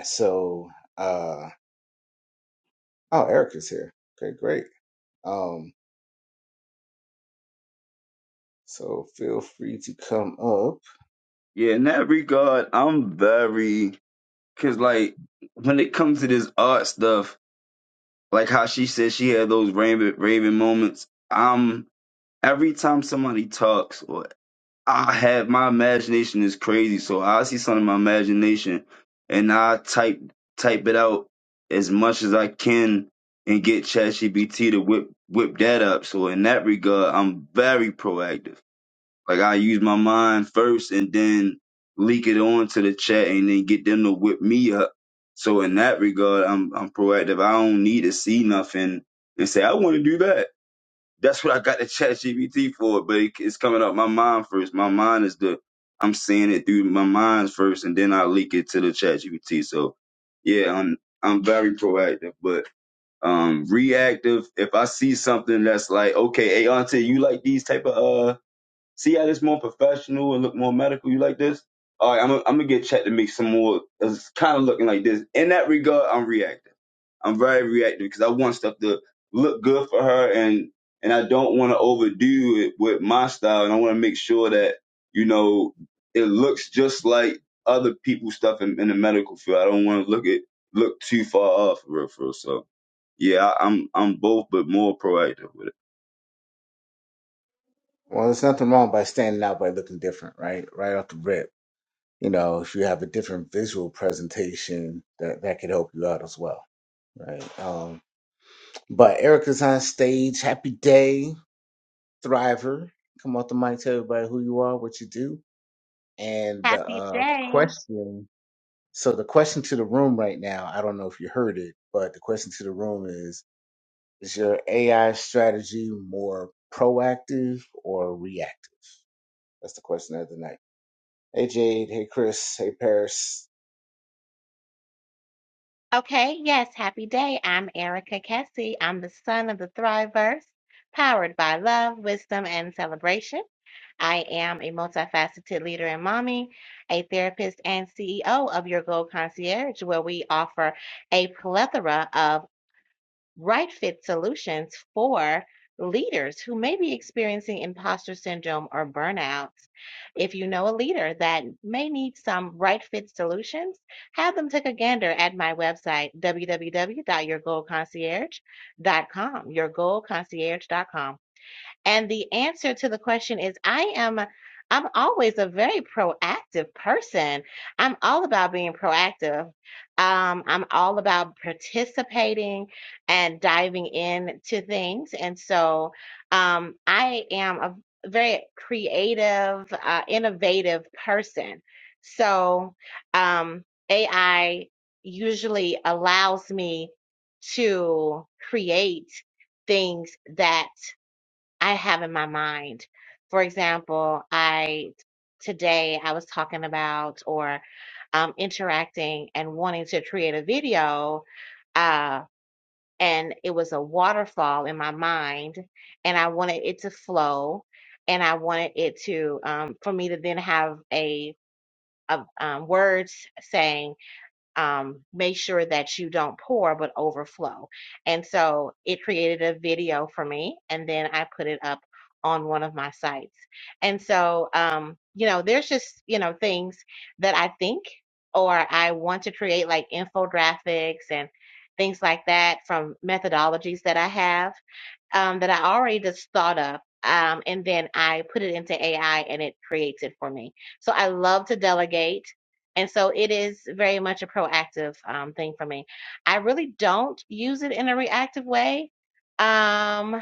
Speaker 1: So, uh, oh, Eric is here. Okay, great. Um, so feel free to come up.
Speaker 3: Yeah, in that regard, I'm very cause like when it comes to this art stuff, like how she said she had those raving raving moments. Um every time somebody talks or I have my imagination is crazy, so I see something in my imagination, and I type type it out as much as I can, and get ChatGPT to whip whip that up. So in that regard, I'm very proactive. Like I use my mind first, and then leak it on to the chat, and then get them to whip me up. So in that regard, I'm I'm proactive. I don't need to see nothing and say I want to do that. That's what I got the chat GPT for, but it, it's coming up my mind first. My mind is the I'm seeing it through my mind first, and then I leak it to the chat GPT. So yeah, I'm I'm very proactive, but um reactive. If I see something that's like, okay, hey Auntie, you like these type of uh see how this more professional and look more medical, you like this? All right, I'm gonna I'm gonna get chat to make some more it's kinda looking like this. In that regard, I'm reactive I'm very reactive because I want stuff to look good for her and and I don't want to overdo it with my style and I want to make sure that you know it looks just like other people's stuff in, in the medical field. I don't want to look it look too far off for real, for real. So yeah, I, I'm I'm both but more proactive with it.
Speaker 1: Well, there's nothing wrong by standing out by looking different, right? Right off the rip you know, if you have a different visual presentation, that that could help you out as well, right? Um, but Erica's on stage. Happy day, Thriver. Come off the mic, tell everybody who you are, what you do, and the
Speaker 5: Happy
Speaker 1: uh,
Speaker 5: day.
Speaker 1: question. So the question to the room right now, I don't know if you heard it, but the question to the room is: Is your AI strategy more proactive or reactive? That's the question of the night. Hey Jade, hey Chris, hey Paris.
Speaker 5: Okay, yes, happy day. I'm Erica Kessie. I'm the son of the Thriverse, powered by love, wisdom, and celebration. I am a multifaceted leader and mommy, a therapist, and CEO of Your Gold Concierge, where we offer a plethora of right fit solutions for leaders who may be experiencing imposter syndrome or burnout. If you know a leader that may need some right fit solutions, have them take a gander at my website, www.yourgoalconcierge.com, yourgoalconcierge.com. And the answer to the question is I am I'm always a very proactive person. I'm all about being proactive. Um, I'm all about participating and diving in to things. And so um, I am a very creative, uh, innovative person. So um, AI usually allows me to create things that I have in my mind. For example, I today I was talking about or um, interacting and wanting to create a video, uh, and it was a waterfall in my mind, and I wanted it to flow, and I wanted it to um, for me to then have a of um, words saying um, make sure that you don't pour but overflow. And so it created a video for me, and then I put it up on one of my sites. And so, um, you know, there's just, you know, things that I think or I want to create, like infographics and things like that from methodologies that I have um, that I already just thought of. Um, and then I put it into AI and it creates it for me. So I love to delegate. And so it is very much a proactive um, thing for me. I really don't use it in a reactive way um,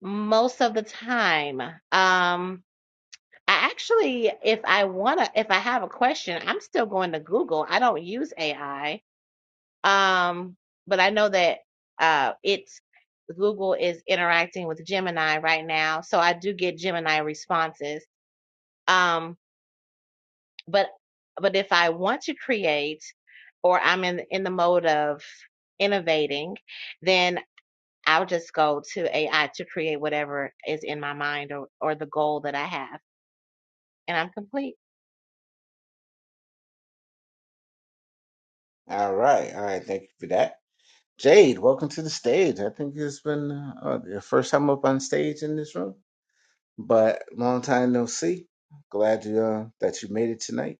Speaker 5: most of the time. Um, I actually, if I want to, if I have a question, I'm still going to Google. I don't use AI um, but I know that uh, it's Google is interacting with Gemini right now, so I do get Gemini responses. Um, but but if I want to create, or I'm in in the mode of innovating, then I'll just go to AI to create whatever is in my mind or or the goal that I have, and I'm complete.
Speaker 1: All right, all right. Thank you for that. Jade, welcome to the stage. I think it's been uh, your first time up on stage in this room, but long time no see. Glad you, uh, that you made it tonight.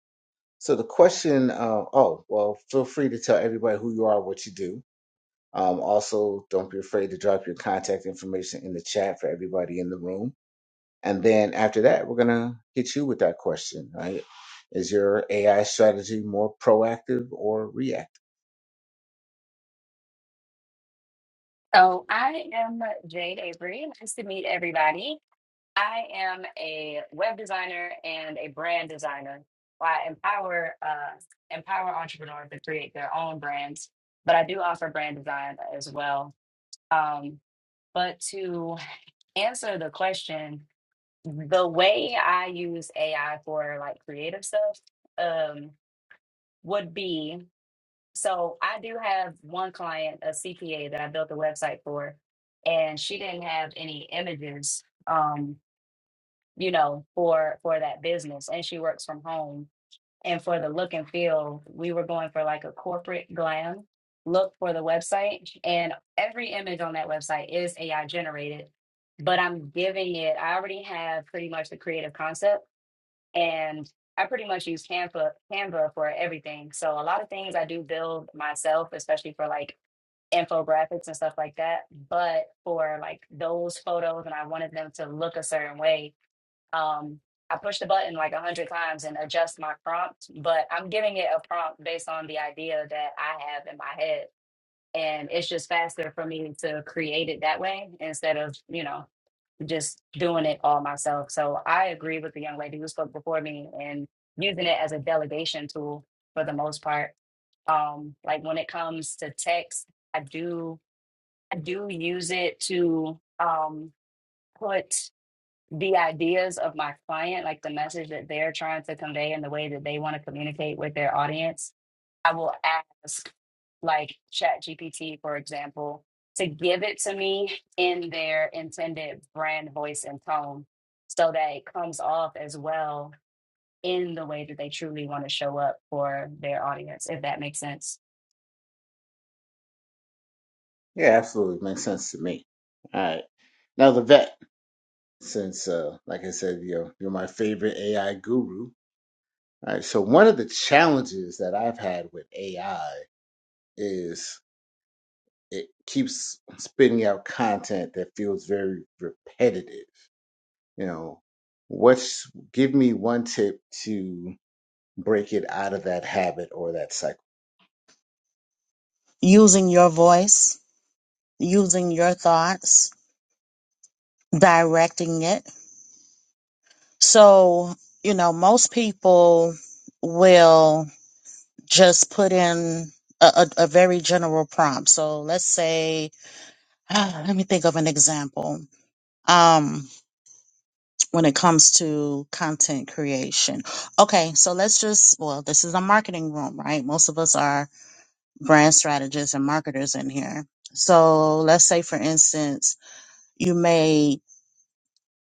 Speaker 1: So the question, uh, oh well, feel free to tell everybody who you are, what you do. Um, also, don't be afraid to drop your contact information in the chat for everybody in the room. And then after that, we're gonna hit you with that question. Right? Is your AI strategy more proactive or reactive?
Speaker 6: So I am Jade Avery. Nice to meet everybody. I am a web designer and a brand designer. Well, I empower uh, empower entrepreneurs to create their own brands, but I do offer brand design as well. Um, but to answer the question, the way I use AI for like creative stuff um, would be so I do have one client, a CPA that I built a website for, and she didn't have any images, um, you know, for for that business, and she works from home. And for the look and feel, we were going for like a corporate glam look for the website, and every image on that website is AI generated. But I'm giving it. I already have pretty much the creative concept and I pretty much use Canva Canva for everything. So a lot of things I do build myself, especially for like infographics and stuff like that. But for like those photos and I wanted them to look a certain way, um, I push the button like a hundred times and adjust my prompt, but I'm giving it a prompt based on the idea that I have in my head. And it's just faster for me to create it that way instead of, you know just doing it all myself. So I agree with the young lady who spoke before me and using it as a delegation tool for the most part. Um, like when it comes to text, I do I do use it to um put the ideas of my client, like the message that they're trying to convey and the way that they want to communicate with their audience, I will ask, like ChatGPT, for example, to give it to me in their intended brand voice and tone so that it comes off as well in the way that they truly want to show up for their audience, if that makes sense.
Speaker 1: Yeah, absolutely makes sense to me. All right. Now the vet. since uh like I said, you are you're my favorite AI guru. All right. So one of the challenges that I've had with AI is it keeps spitting out content that feels very repetitive. You know, what's give me one tip to break it out of that habit or that cycle?
Speaker 2: Using your voice, using your thoughts, directing it So, you know, most people will just put in a, a, a very general prompt. So let's say, *sighs* ah, let me think of an example. Um, when it comes to content creation. Okay, so let's just, well, this is a marketing room, right? Most of us are brand strategists and marketers in here. So let's say, for instance, you made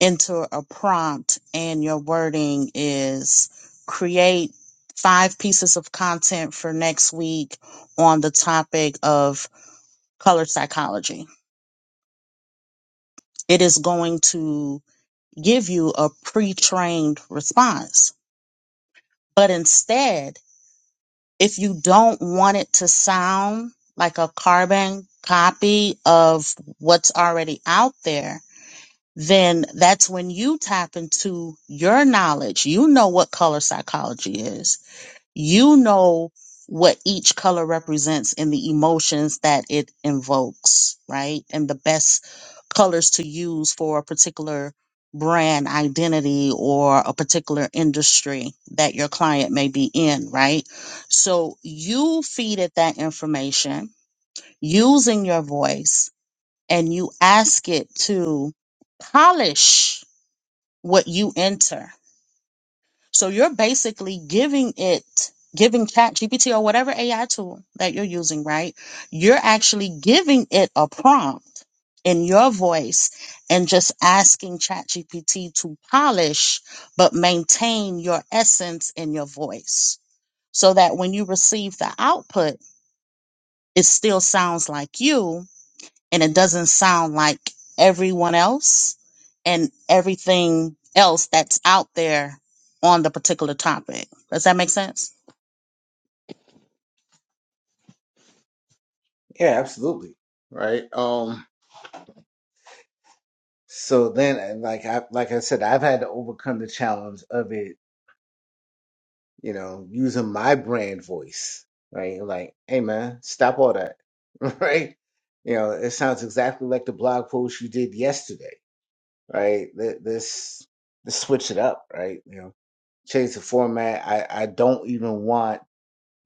Speaker 2: enter a prompt and your wording is create five pieces of content for next week on the topic of color psychology. It is going to give you a pre trained response. But instead, if you don't want it to sound like a carbon copy of what's already out there, then that's when you tap into your knowledge. You know what color psychology is. You know what each color represents and the emotions that it invokes, right? And the best colors to use for a particular brand identity or a particular industry that your client may be in, right? So you feed it that information using your voice and you ask it to polish what you enter. So you're basically giving it, giving Chat GPT or whatever AI tool that you're using, right? You're actually giving it a prompt in your voice and just asking Chat GPT to polish but maintain your essence in your voice so that when you receive the output, it still sounds like you and it doesn't sound like everyone else and everything else that's out there on the particular topic. Does that make sense?
Speaker 1: Yeah, absolutely. Right. Um so then and like I like I said, I've had to overcome the challenge of it you know, using my brand voice, right? Like, hey man, stop all that, *laughs* right? You know, it sounds exactly like the blog post you did yesterday, right? Th- This, this switch it up, right? You know, change the format. I, I don't even want,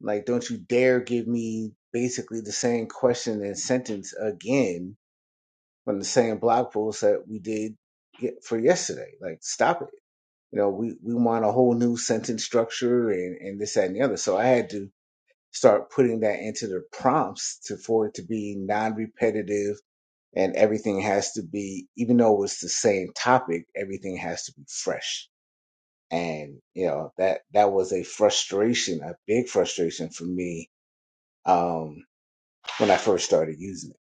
Speaker 1: like, don't you dare give me basically the same question and sentence again from the same blog post that we did get for yesterday. Like, stop it. You know, we, we want a whole new sentence structure and, and this, that, and the other. So I had to start putting that into the prompts to for it to be non-repetitive and everything has to be even though it was the same topic everything has to be fresh and you know that that was a frustration a big frustration for me um when i first started using it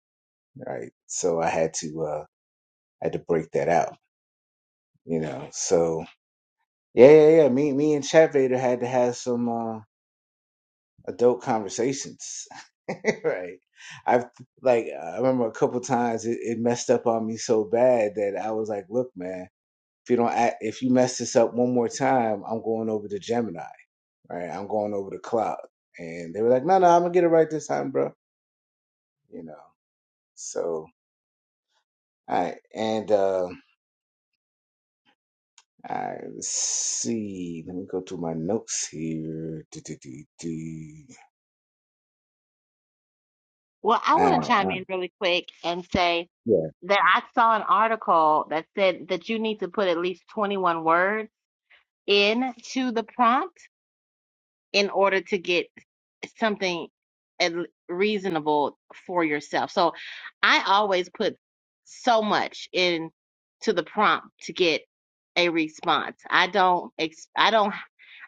Speaker 1: right so i had to uh I had to break that out you know so yeah yeah yeah me me and chat vader had to have some uh adult conversations *laughs* right. I've like I remember a couple times it, it messed up on me so bad that I was like, "Look, man, if you don't act, if you mess this up one more time, I'm going over to Gemini. Right? I'm going over to Cloud." And they were like, "No, no, I'm gonna get it right this time, bro." You know. So, all right, and uh, I let's see. Let me go through my notes here. Do, do, do, do.
Speaker 5: Well, I
Speaker 1: All
Speaker 5: want to
Speaker 1: right, all
Speaker 5: chime
Speaker 1: right,
Speaker 5: in really quick and say
Speaker 1: yeah,
Speaker 5: that I saw an article that said that you need to put at least 21 words into the prompt in order to get something at l- reasonable for yourself. So I always put so much into the prompt to get a response. I don't ex- I don't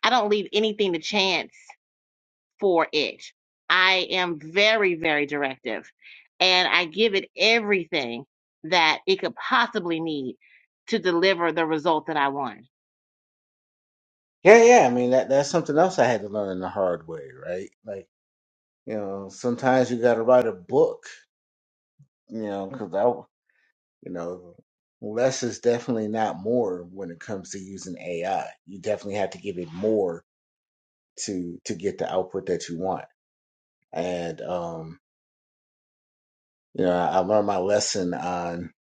Speaker 5: I don't leave anything to chance for it. I am very, very directive and I give it everything that it could possibly need to deliver the result that I want.
Speaker 1: yeah, yeah. I mean, that that's something else I had to learn the hard way, right? Like You know, sometimes you got to write a book. You know, because I, you know, less is definitely not more when it comes to using AI. You definitely have to give it more to to get the output that you want. And um, you know, I, I learned my lesson on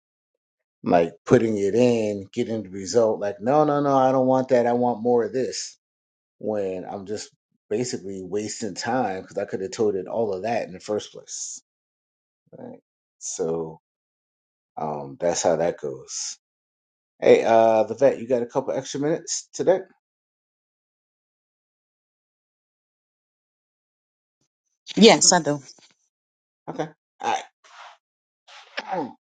Speaker 1: like putting it in, getting the result. Like, no, no, no, I don't want that. I want more of this. When I'm just basically wasting time because I could have told it all of that in the first place. Right. So um, that's how that goes. Hey, uh, the vet, you got a couple extra minutes today?
Speaker 2: Yes, I do.
Speaker 1: Okay. All right. *clears throat*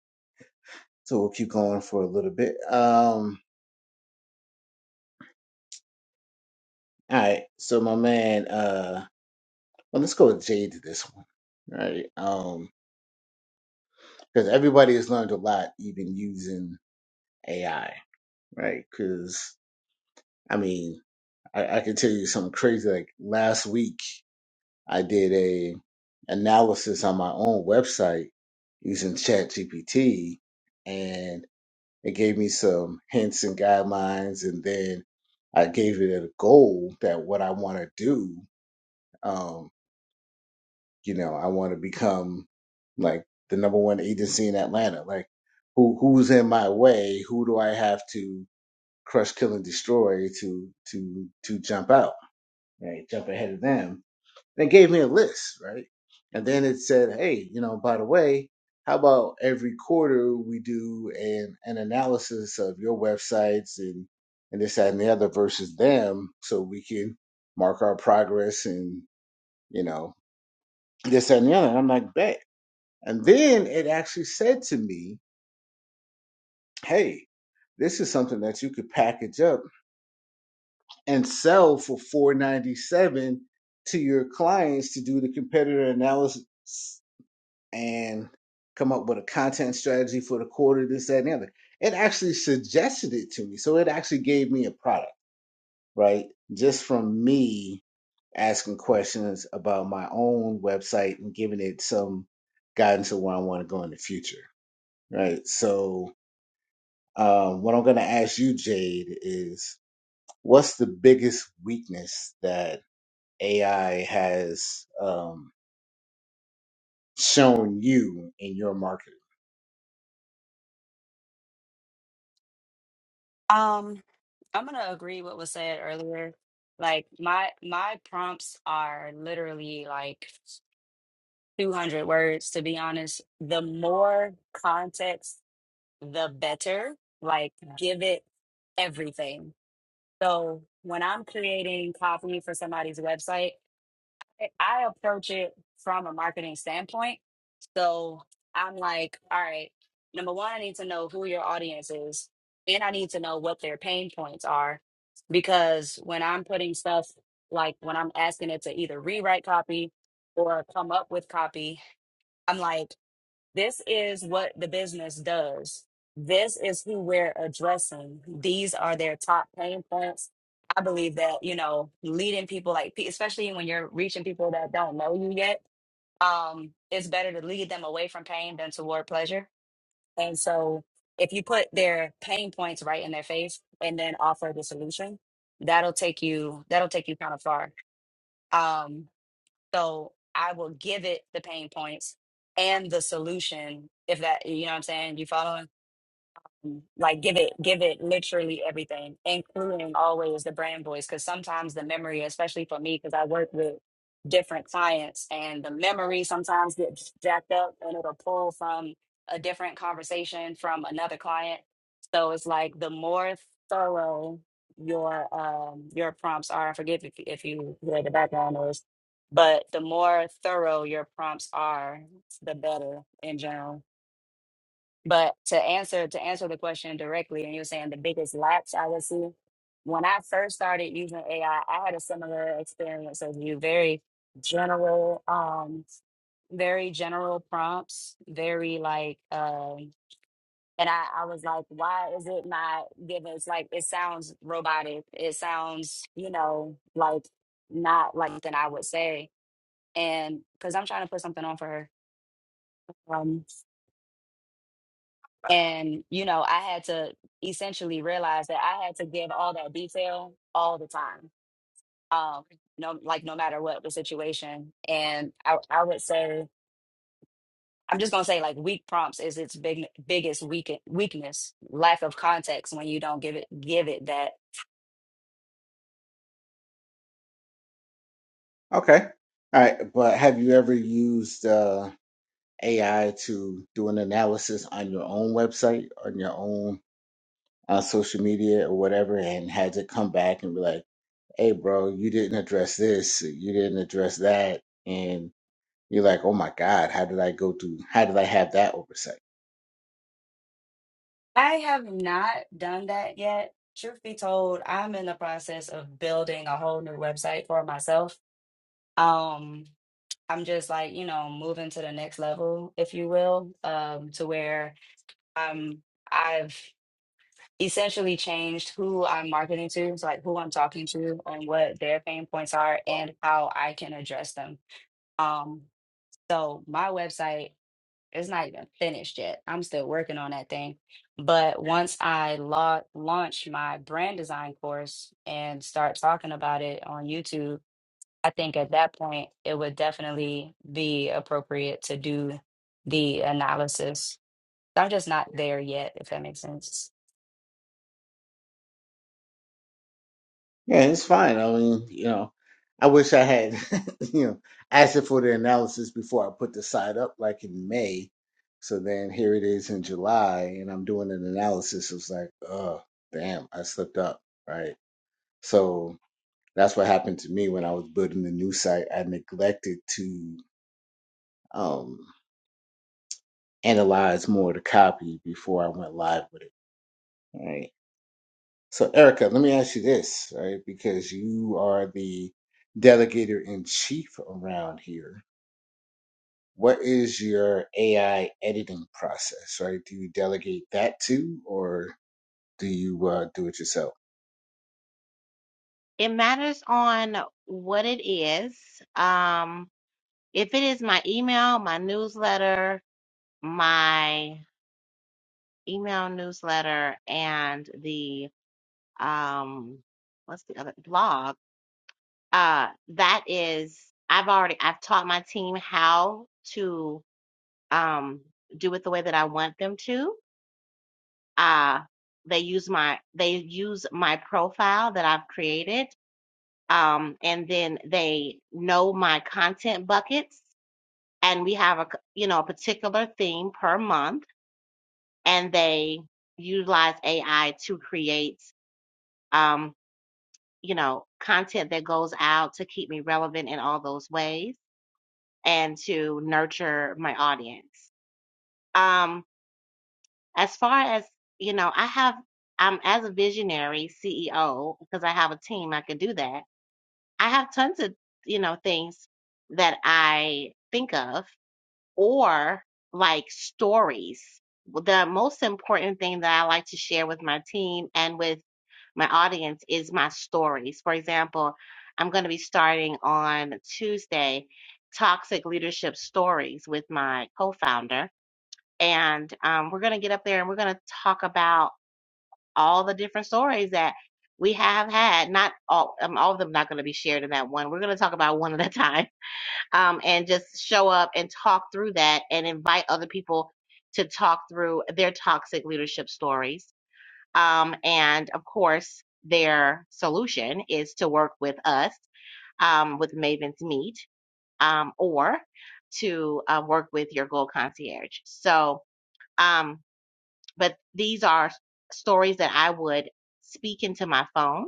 Speaker 1: So we'll keep going for a little bit. Um, all right. So my man, uh, well, let's go with Jade to this one, right? Um, because everybody has learned a lot, even using AI, right? Because I mean, I, I can tell you something crazy. Like last week, I did a analysis on my own website using Chat GPT, It gave me some hints and guidelines, and then I gave it a goal that what I want to do. Um, you know, I want to become like the number one agency in Atlanta. Like, who who's in my way? Who do I have to crush, kill, and destroy to to to jump out? Right, jump ahead of them and it gave me a list, right? And then it said, hey, you know, by the way, how about every quarter we do an, an analysis of your websites and, and this, that, and the other versus them so we can mark our progress and, you know, this, that, and the other. And I'm like, bet. And then it actually said to me, hey, this is something that you could package up and sell for 497 to your clients to do the competitor analysis and come up with a content strategy for the quarter, this, that, and the other. It actually suggested it to me. So it actually gave me a product, right? Just from me asking questions about my own website and giving it some guidance of where I want to go in the future, right? So, um, what I'm going to ask you, Jade, is what's the biggest weakness that AI has um, shown you in your marketing?
Speaker 6: Um, I'm gonna agree what was said earlier. Like my my prompts are literally like 200 words, to be honest. The more context, the better. Like, give it everything. So, when I'm creating copy for somebody's website, I I approach it from a marketing standpoint. So, I'm like, all right, number one, I need to know who your audience is, and I need to know what their pain points are. Because when I'm putting stuff, like when I'm asking it to either rewrite copy or come up with copy, I'm like, this is what the business does. This is who we're addressing. These are their top pain points. I believe that, you know, leading people like, pe- especially when you're reaching people that don't know you yet, um, it's better to lead them away from pain than toward pleasure. And so if you put their pain points right in their face and then offer the solution, that'll take you, that'll take you kind of far. Um, so I will give it the pain points and the solution if that, you know what I'm saying? You following? like give it give it literally everything including always the brand voice because sometimes the memory especially for me because i work with different clients and the memory sometimes gets jacked up and it'll pull from a different conversation from another client so it's like the more thorough your um your prompts are forgive if, if you hear the background noise but the more thorough your prompts are the better in general but to answer to answer the question directly, and you're saying the biggest lapse I would see. When I first started using AI, I I had a similar experience as you. Very general, um, very general prompts, very like um and I, I was like, why is it not giving it's like it sounds robotic, it sounds, you know, like not like something I would say. And because I'm trying to put something on for her. um, And, you know, I had to essentially realize that I had to give all that detail all the time. Um, no, like no matter what the situation. And I, I would say, I'm just gonna say like weak prompts is its big biggest weak, weakness, lack of context when you don't give it give it that.
Speaker 1: Okay. All right. But have you ever used uh, AI to do an analysis on your own website, on your own uh, social media or whatever, and had to come back and be like, hey, bro, you didn't address this, you didn't address that. And you're like, oh my God, how did I go through? How did I have that oversight?
Speaker 6: I have not done that yet. Truth be told, I'm in the process of building a whole new website for myself. Um, I'm just like, you know, moving to the next level, if you will, um, to where I'm. I've essentially changed who I'm marketing to, so like who I'm talking to and what their pain points are and how I can address them. Um, so my website is not even finished yet. I'm still working on that thing. But once I la- launch my brand design course and start talking about it on YouTube, I think at that point, it would definitely be appropriate to do the analysis. I'm just not there yet, if that makes sense.
Speaker 1: Yeah, it's fine. I mean, you know, I wish I had, *laughs* you know, asked it for the analysis before I put the site up, like in May. So then here it is in July, and I'm doing an analysis. It's like, oh, damn, I slipped up, right? So that's what happened to me when I was building the new site. I neglected to um, analyze more of the copy before I went live with it, right? So, Erica, let me ask you this, right? Because you are the delegator in chief around here. What is your AI editing process, right? Do you delegate that to, or do you uh, do it yourself?
Speaker 5: It matters on what it is. Um, if it is my email, my newsletter, my email newsletter and the um what's the other blog uh that is i've already i've taught my team how to um do it the way that i want them to uh they use my they use my profile that i've created um and then they know my content buckets and we have a c- you know a particular theme per month and they utilize ai to create um you know, content that goes out to keep me relevant in all those ways and to nurture my audience. Um, as far as, you know, I have, I'm as a visionary CEO, because I have a team, I can do that. I have tons of, you know, things that I think of or like stories. The most important thing that I like to share with my team and with my audience is my stories. For example, I'm going to be starting on Tuesday Toxic Leadership Stories with my co founder. And um, we're going to get up there and we're going to talk about all the different stories that we have had. Not all, um, all of them not going to be shared in that one. We're going to talk about one at a time *laughs* um, and just show up and talk through that and invite other people to talk through their toxic leadership stories um, and of course, their solution is to work with us um, with Maven's Meet um, or to uh, work with your Gold Concierge. So, um, but these are stories that I would speak into my phone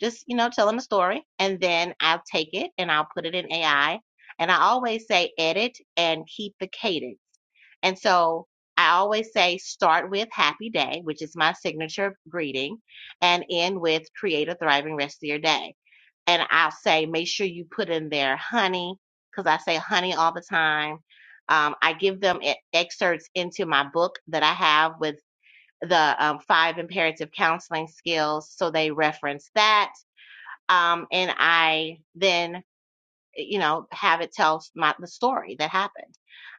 Speaker 5: just you know tell them a story and then i'll take it and i'll put it in ai and i always say edit and keep the cadence and so i always say start with happy day which is my signature greeting and end with create a thriving rest of your day and i'll say make sure you put in there honey because i say honey all the time um, i give them e- excerpts into my book that i have with the um, five imperative counseling skills so they reference that um, and I then, you know, have it tell my the story that happened.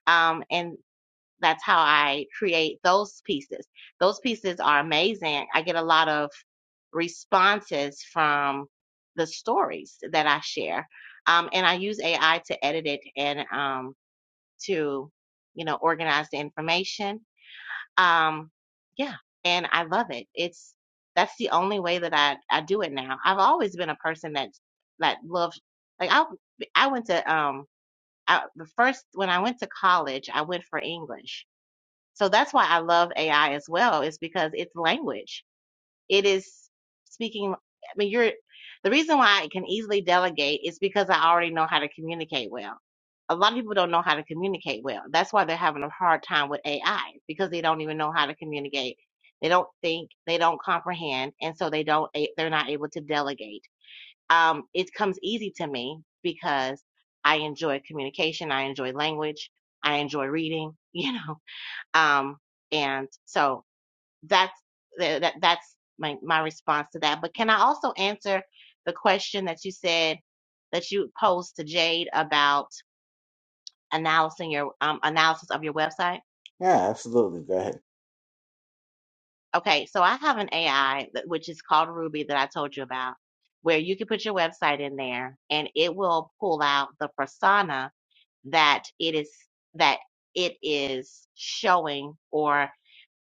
Speaker 5: Um, and that's how I create those pieces. Those pieces are amazing. I get a lot of responses from the stories that I share, um, and I use AI to edit it and um, to, you know, organize the information um, yeah, and I love it. It's that's the only way that I I do it now. I've always been a person that that loved like I I went to um I, the first when I went to college I went for English, so that's why I love AI as well. Is because it's language. It is speaking. I mean, you're the reason why I can easily delegate is because I already know how to communicate well. A lot of people don't know how to communicate well. That's why they're having a hard time with AI because they don't even know how to communicate. They don't think, they don't comprehend, and so they don't. They're not able to delegate. Um, it comes easy to me because I enjoy communication. I enjoy language. I enjoy reading. *laughs* You know, um, and so that's that that's my my response to that. But can I also answer the question that you said that you posed to Jade about analyzing your um, analysis of your website?
Speaker 1: Yeah, absolutely. Go ahead.
Speaker 5: Okay, so I have an AI that, which is called Ruby that I told you about, where you can put your website in there and it will pull out the persona that it is that it is showing or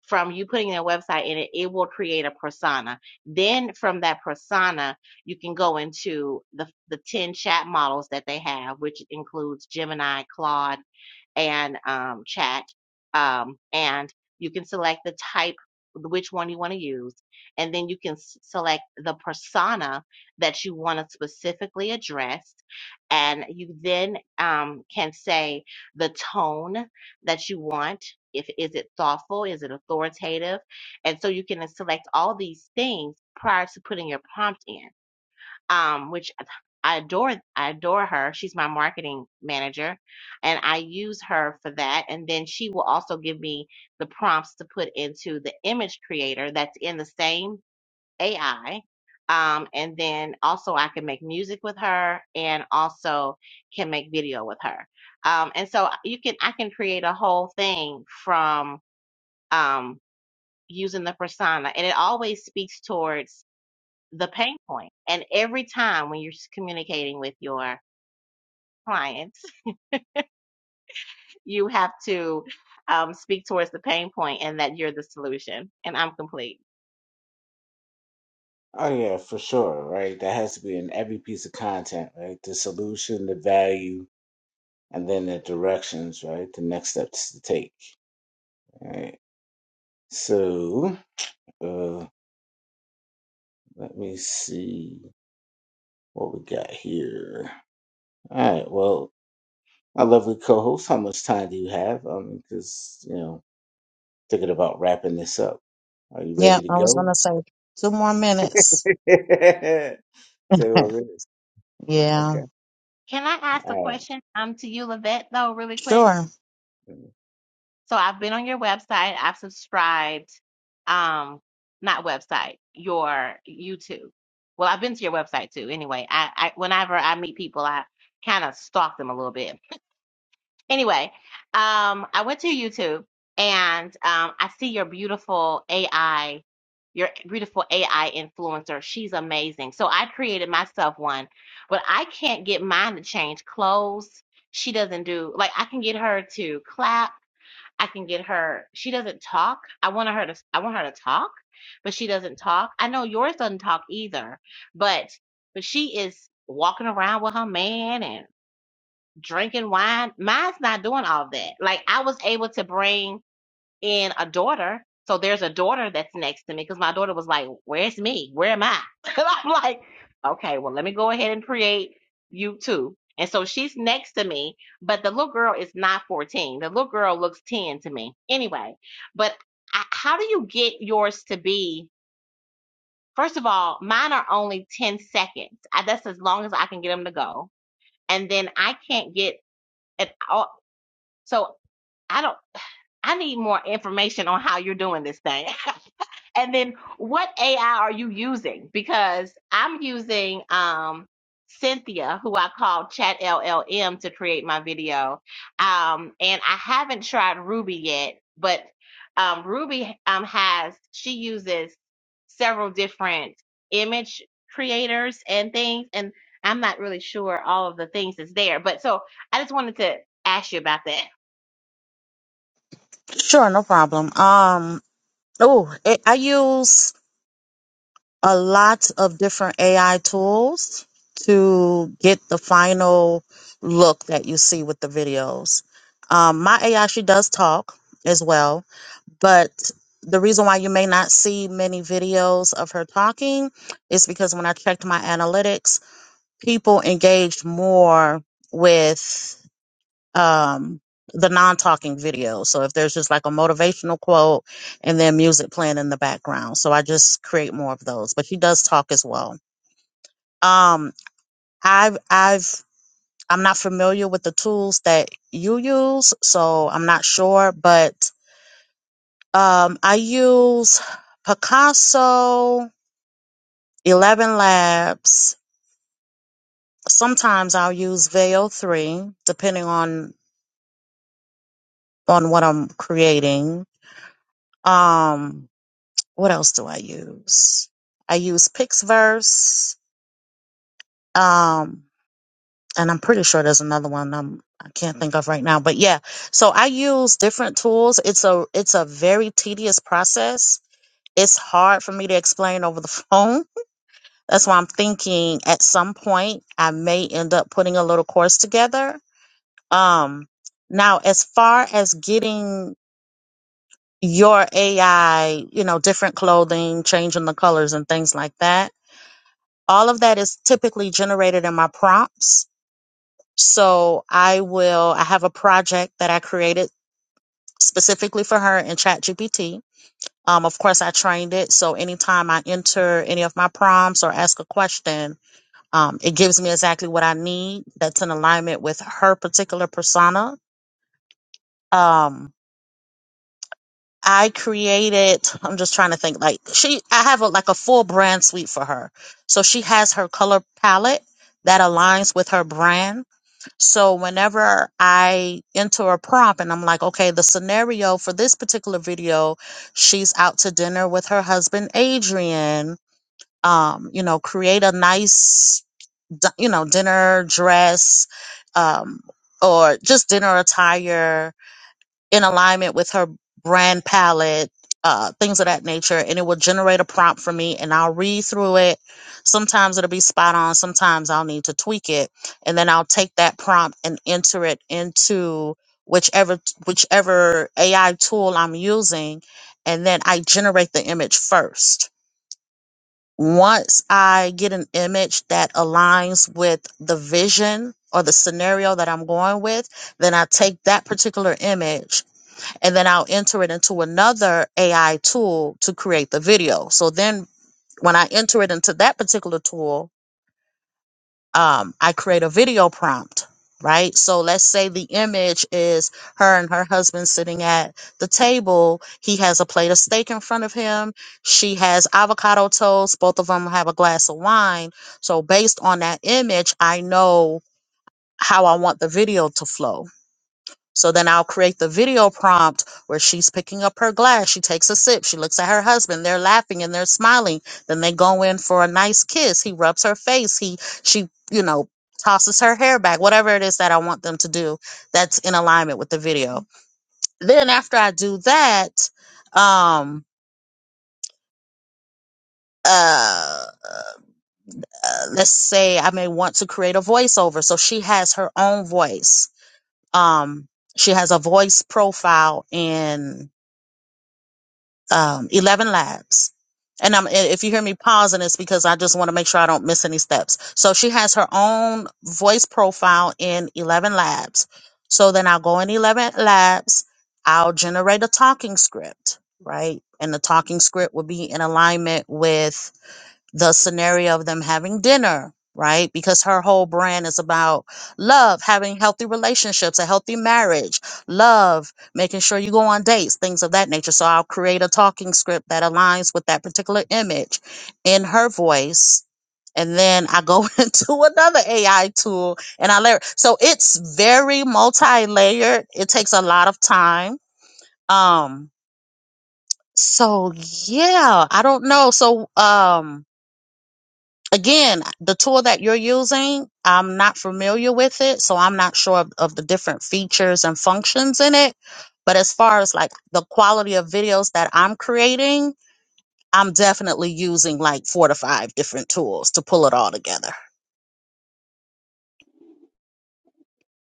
Speaker 5: from you putting their website in it it will create a persona then from that persona you can go into the the 10 chat models that they have which includes gemini claude and um, chat. Um, and you can select the type, which one you want to use. And then you can s- select the persona that you want to specifically address. And you then um, can say the tone that you want. If is it thoughtful, is it authoritative, and so you can uh, select all these things prior to putting your prompt in um, which I adore. I adore her. She's my marketing manager, and I use her for that. And then she will also give me the prompts to put into the image creator that's in the same AI. Um, and then also I can make music with her, and also can make video with her. Um, and so you can I can create a whole thing from um, using the persona, and it always speaks towards the pain point. And every time when you're communicating with your clients, *laughs* you have to um, speak towards the pain point and that you're the solution. And I'm complete.
Speaker 1: Oh, yeah, for sure, right? That has to be in every piece of content, right? The solution, the value, and then the directions, right? The next steps to take, right? So, uh, let me see. what we got here. All right. Well, my lovely co-host, how much time do you have? Um, because you know, thinking about wrapping this up. Are you
Speaker 2: Yeah,
Speaker 1: ready to
Speaker 2: I was
Speaker 1: go?
Speaker 2: going to say two more minutes.
Speaker 1: *laughs* Say what it is.
Speaker 2: *laughs*
Speaker 1: Okay.
Speaker 2: yeah,
Speaker 5: Can I ask a
Speaker 1: All
Speaker 5: question um, to you, Lavette, though, really quick?
Speaker 2: sure.
Speaker 1: right.
Speaker 5: So I've been on your website, I've subscribed, um, not website, your YouTube. Well, I've been to your website too. Anyway, I, I whenever I meet people, I kind of stalk them a little bit Anyway, um, I went to YouTube and um, I see your beautiful AI, your beautiful AI influencer. She's amazing. So I created myself one, but I can't get mine to change clothes. She doesn't do like I can get her to clap. I can get her. She doesn't talk. I want her to. I want her to talk, but she doesn't talk. I know yours doesn't talk either, but but she is walking around with her man and drinking wine. Mine's not doing all that. Like I was able to bring in a daughter. So there's a daughter that's next to me because my daughter was like, Where's me? Where am I? *laughs* And I'm like, Okay, well, let me go ahead and create you too. And so she's next to me, but the little girl is not 14. The little girl looks 10 to me. Anyway, but I, how do you get yours to be? First of all, mine are only 10 seconds. I, that's as long as I can get them to go. And then I can't get at all so I don't. I need more information on how you're doing this thing. *laughs* and then what AI are you using? Because I'm using um, Cynthia, who I call Chat LLM, to create my video. Um, and I haven't tried Ruby yet, but um, Ruby um, has, she uses several different image creators and things. And I'm not really sure all of the things that's there. But so I just wanted to ask you about that.
Speaker 2: Sure, no problem. Um, oh, I I use a lot of different AI tools to get the final look that you see with the videos. Um, my AI, she does talk as well but the reason why you may not see many videos of her talking is because when I checked my analytics, people engaged more with um, the non talking video. So if there's just like a motivational quote and then music playing in the background. So I just create more of those, but she does talk as well. Um, I've, I've, I'm not familiar with the tools that you use, so I'm not sure, but Um, I use Picasso, Eleven Labs. Sometimes I'll use Veil Three, depending on on what I'm creating. Um, what else do I use? I use Pixverse. Um, and I'm pretty sure there's another one I'm I can't think of right now. But yeah, so I use different tools. It's a it's a very tedious process. It's hard for me to explain over the *laughs* phone That's why I'm thinking at some point I may end up putting a little course together. Um, now, as far as getting your AI, you know, different clothing, changing the colors and things like that, all of that is typically generated in my prompts. So I will, I have a project that I created specifically for her in ChatGPT. Um, of course, I trained it. So anytime I enter any of my prompts or ask a question, Um, it gives me exactly what I need that's in alignment with her particular persona. Um, I created, I'm just trying to think, like, she, I have a, like a full brand suite for her. So she has her color palette that aligns with her brand. So whenever I enter a prompt and I'm like, okay, the scenario for this particular video, she's out to dinner with her husband, Adrian. Um, you know, create a nice d- you know, dinner, dress, um, or just dinner attire in alignment with her brand palette, uh, things of that nature. And it will generate a prompt for me and I'll read through it. Sometimes it'll be spot on. Sometimes I'll need to tweak it. And then I'll take that prompt and enter it into whichever, whichever AI tool I'm using. And then I generate the image first once I get an image that aligns with the vision or the scenario that I'm going with, then I take that particular image and then I'll enter it into another AI tool to create the video. So then when I enter it into that particular tool, um, I create a video prompt, right? So let's say the image is her and her husband sitting at the table. He has a plate of steak in front of him. She has avocado toast. Both of them have a glass of wine. So based on that image, I know how I want the video to flow so then I'll create the video prompt where she's picking up her glass. She takes a sip. She looks at her husband. They're laughing and they're smiling. Then they go in for a nice kiss. He rubs her face. He, she, you know, tosses her hair back, whatever it is that I want them to do that's in alignment with the video. Then after I do that, um, uh, uh, let's say I may want to create a voiceover. So she has her own voice. Um, she has a voice profile in um, 11 labs. And I'm, if you hear me pausing, it's because I just want to make sure I don't miss any steps. So she has her own voice profile in 11 labs. So then I'll go in 11 labs, I'll generate a talking script, right? And the talking script will be in alignment with the scenario of them having dinner, right? Because her whole brand is about love, having healthy relationships, a healthy marriage, love, making sure you go on dates, things of that nature. So I'll create a talking script that aligns with that particular image in her voice. And then I go *laughs* into another AI tool and I layer. So it's very multi-layered. It takes a lot of time. Um, so yeah, I don't know. So um again, the tool that you're using, I'm not familiar with it, so I'm not sure of, of the different features and functions in it. But as far as like the quality of videos that I'm creating, I'm definitely using like four to five different tools to pull it all together.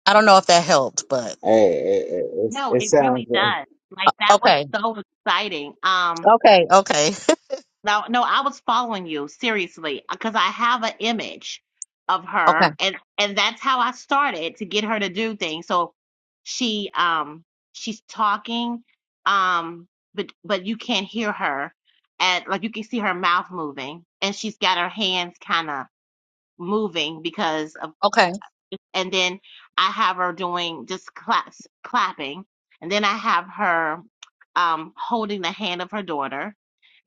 Speaker 2: I don't know if that helped, but
Speaker 1: Hey, it, it, it's-
Speaker 5: No,
Speaker 1: it
Speaker 5: it
Speaker 1: sounds
Speaker 5: really
Speaker 1: like
Speaker 5: does. Like that was
Speaker 2: okay,
Speaker 5: so exciting. Um,
Speaker 2: okay, okay,
Speaker 5: no, no, I was following you seriously because I have an image of
Speaker 2: *laughs*
Speaker 5: her,
Speaker 2: okay,
Speaker 5: and and that's how I started to get her to do things. So she um she's talking, um, but but you can't hear her, and like you can see her mouth moving, and she's got her hands kind of moving because of
Speaker 2: okay,
Speaker 5: and then I have her doing just claps, clapping, and then I have her um, holding the hand of her daughter.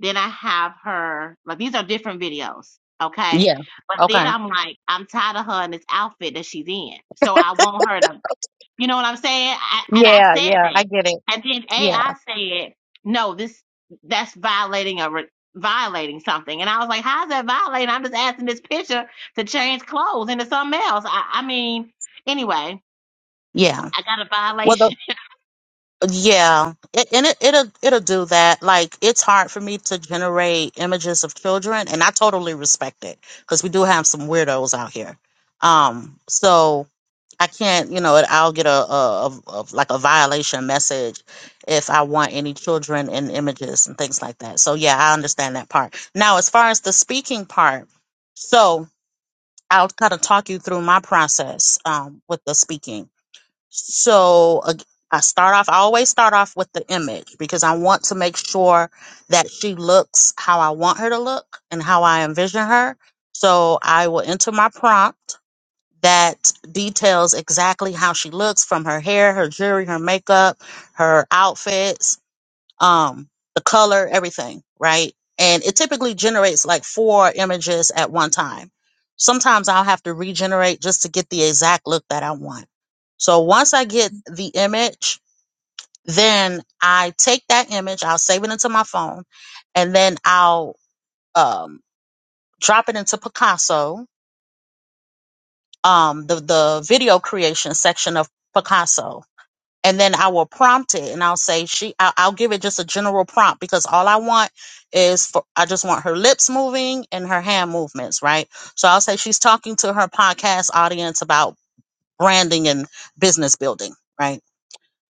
Speaker 5: Then I have her like these are different videos, okay?
Speaker 2: yeah,
Speaker 5: But then
Speaker 2: okay,
Speaker 5: I'm like, I'm tired of her in this outfit that she's in, so I want her to you know what I'm saying? I, and I
Speaker 2: yeah,
Speaker 5: said
Speaker 2: yeah, I
Speaker 5: that.
Speaker 2: get it,
Speaker 5: And then
Speaker 2: yeah,
Speaker 5: AI said, no, this that's violating a re- violating something. And I was like, how's that violating? I'm just asking this picture to change clothes into something else. I, I mean, anyway,
Speaker 2: yeah.
Speaker 5: I got a
Speaker 2: Well, the
Speaker 5: violation.
Speaker 2: Yeah, it, and it, it'll it'll do that. Like it's hard for me to generate images of children, and I totally respect it because we do have some weirdos out here. Um, so I can't, you know, I'll get a, a, a, a like a violation message if I want any children in images and things like that. So yeah, I understand that part. Now, as far as the speaking part, so I'll kind of talk you through my process um, with the speaking. So ag- I start off, I always start off with the image because I want to make sure that she looks how I want her to look and how I envision her. So I will enter my prompt that details exactly how she looks from her hair, her jewelry, her makeup, her outfits um, the color, everything, right? And it typically generates like four images at one time. Sometimes I'll have to regenerate just to get the exact look that I want. So once I get the image, then I take that image, I'll save it into my phone, and then I'll um, drop it into Picasso, um, the the video creation section of Picasso, and then I will prompt it and I'll say she I'll, I'll give it just a general prompt because all I want is for I just want her lips moving and her hand movements, right? So I'll say she's talking to her podcast audience about branding and business building, right?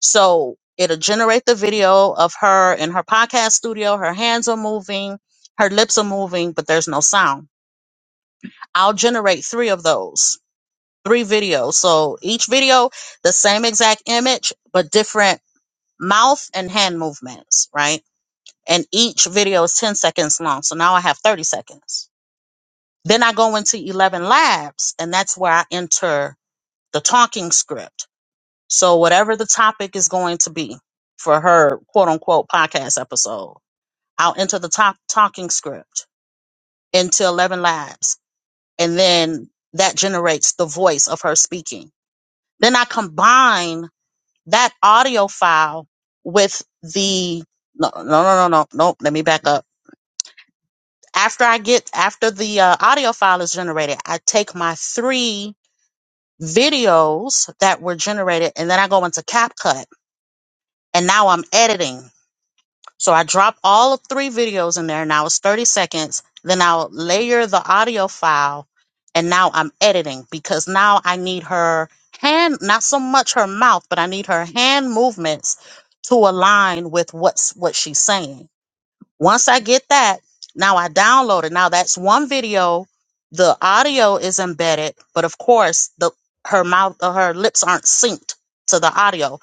Speaker 2: So it'll generate the video of her in her podcast studio, her hands are moving, her lips are moving, but there's no sound. I'll generate 3 of those, 3 videos. So each video the same exact image but different mouth and hand movements, right? And each video is 10 seconds long. So now I have 30 seconds. Then I go into 11 labs, and that's where I enter the talking script. So, whatever the topic is going to be for her quote unquote podcast episode, I'll enter the top talking script into 11 labs. And then that generates the voice of her speaking. Then I combine that audio file with the no no no no no nope let me back up after i get after the uh, audio file is generated i take my three videos that were generated and then i go into capcut and now i'm editing So I dropped all of three videos in there now it's 30 seconds. Then I'll layer the audio file and now I'm editing because now I need her hand, not so much her mouth, but I need her hand movements to align with what's what she's saying. Once I get that, now I download it. Now that's one video. The audio is embedded, but of course the her mouth or her lips aren't synced to the audio.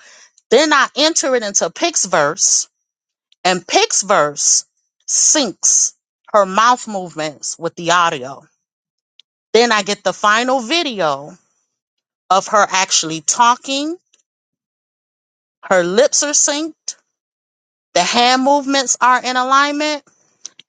Speaker 2: Then I enter it into Pixverse and Pick's verse, syncs her mouth movements with the audio. Then I get the final video of her actually talking. Her lips are synced, the hand movements are in alignment.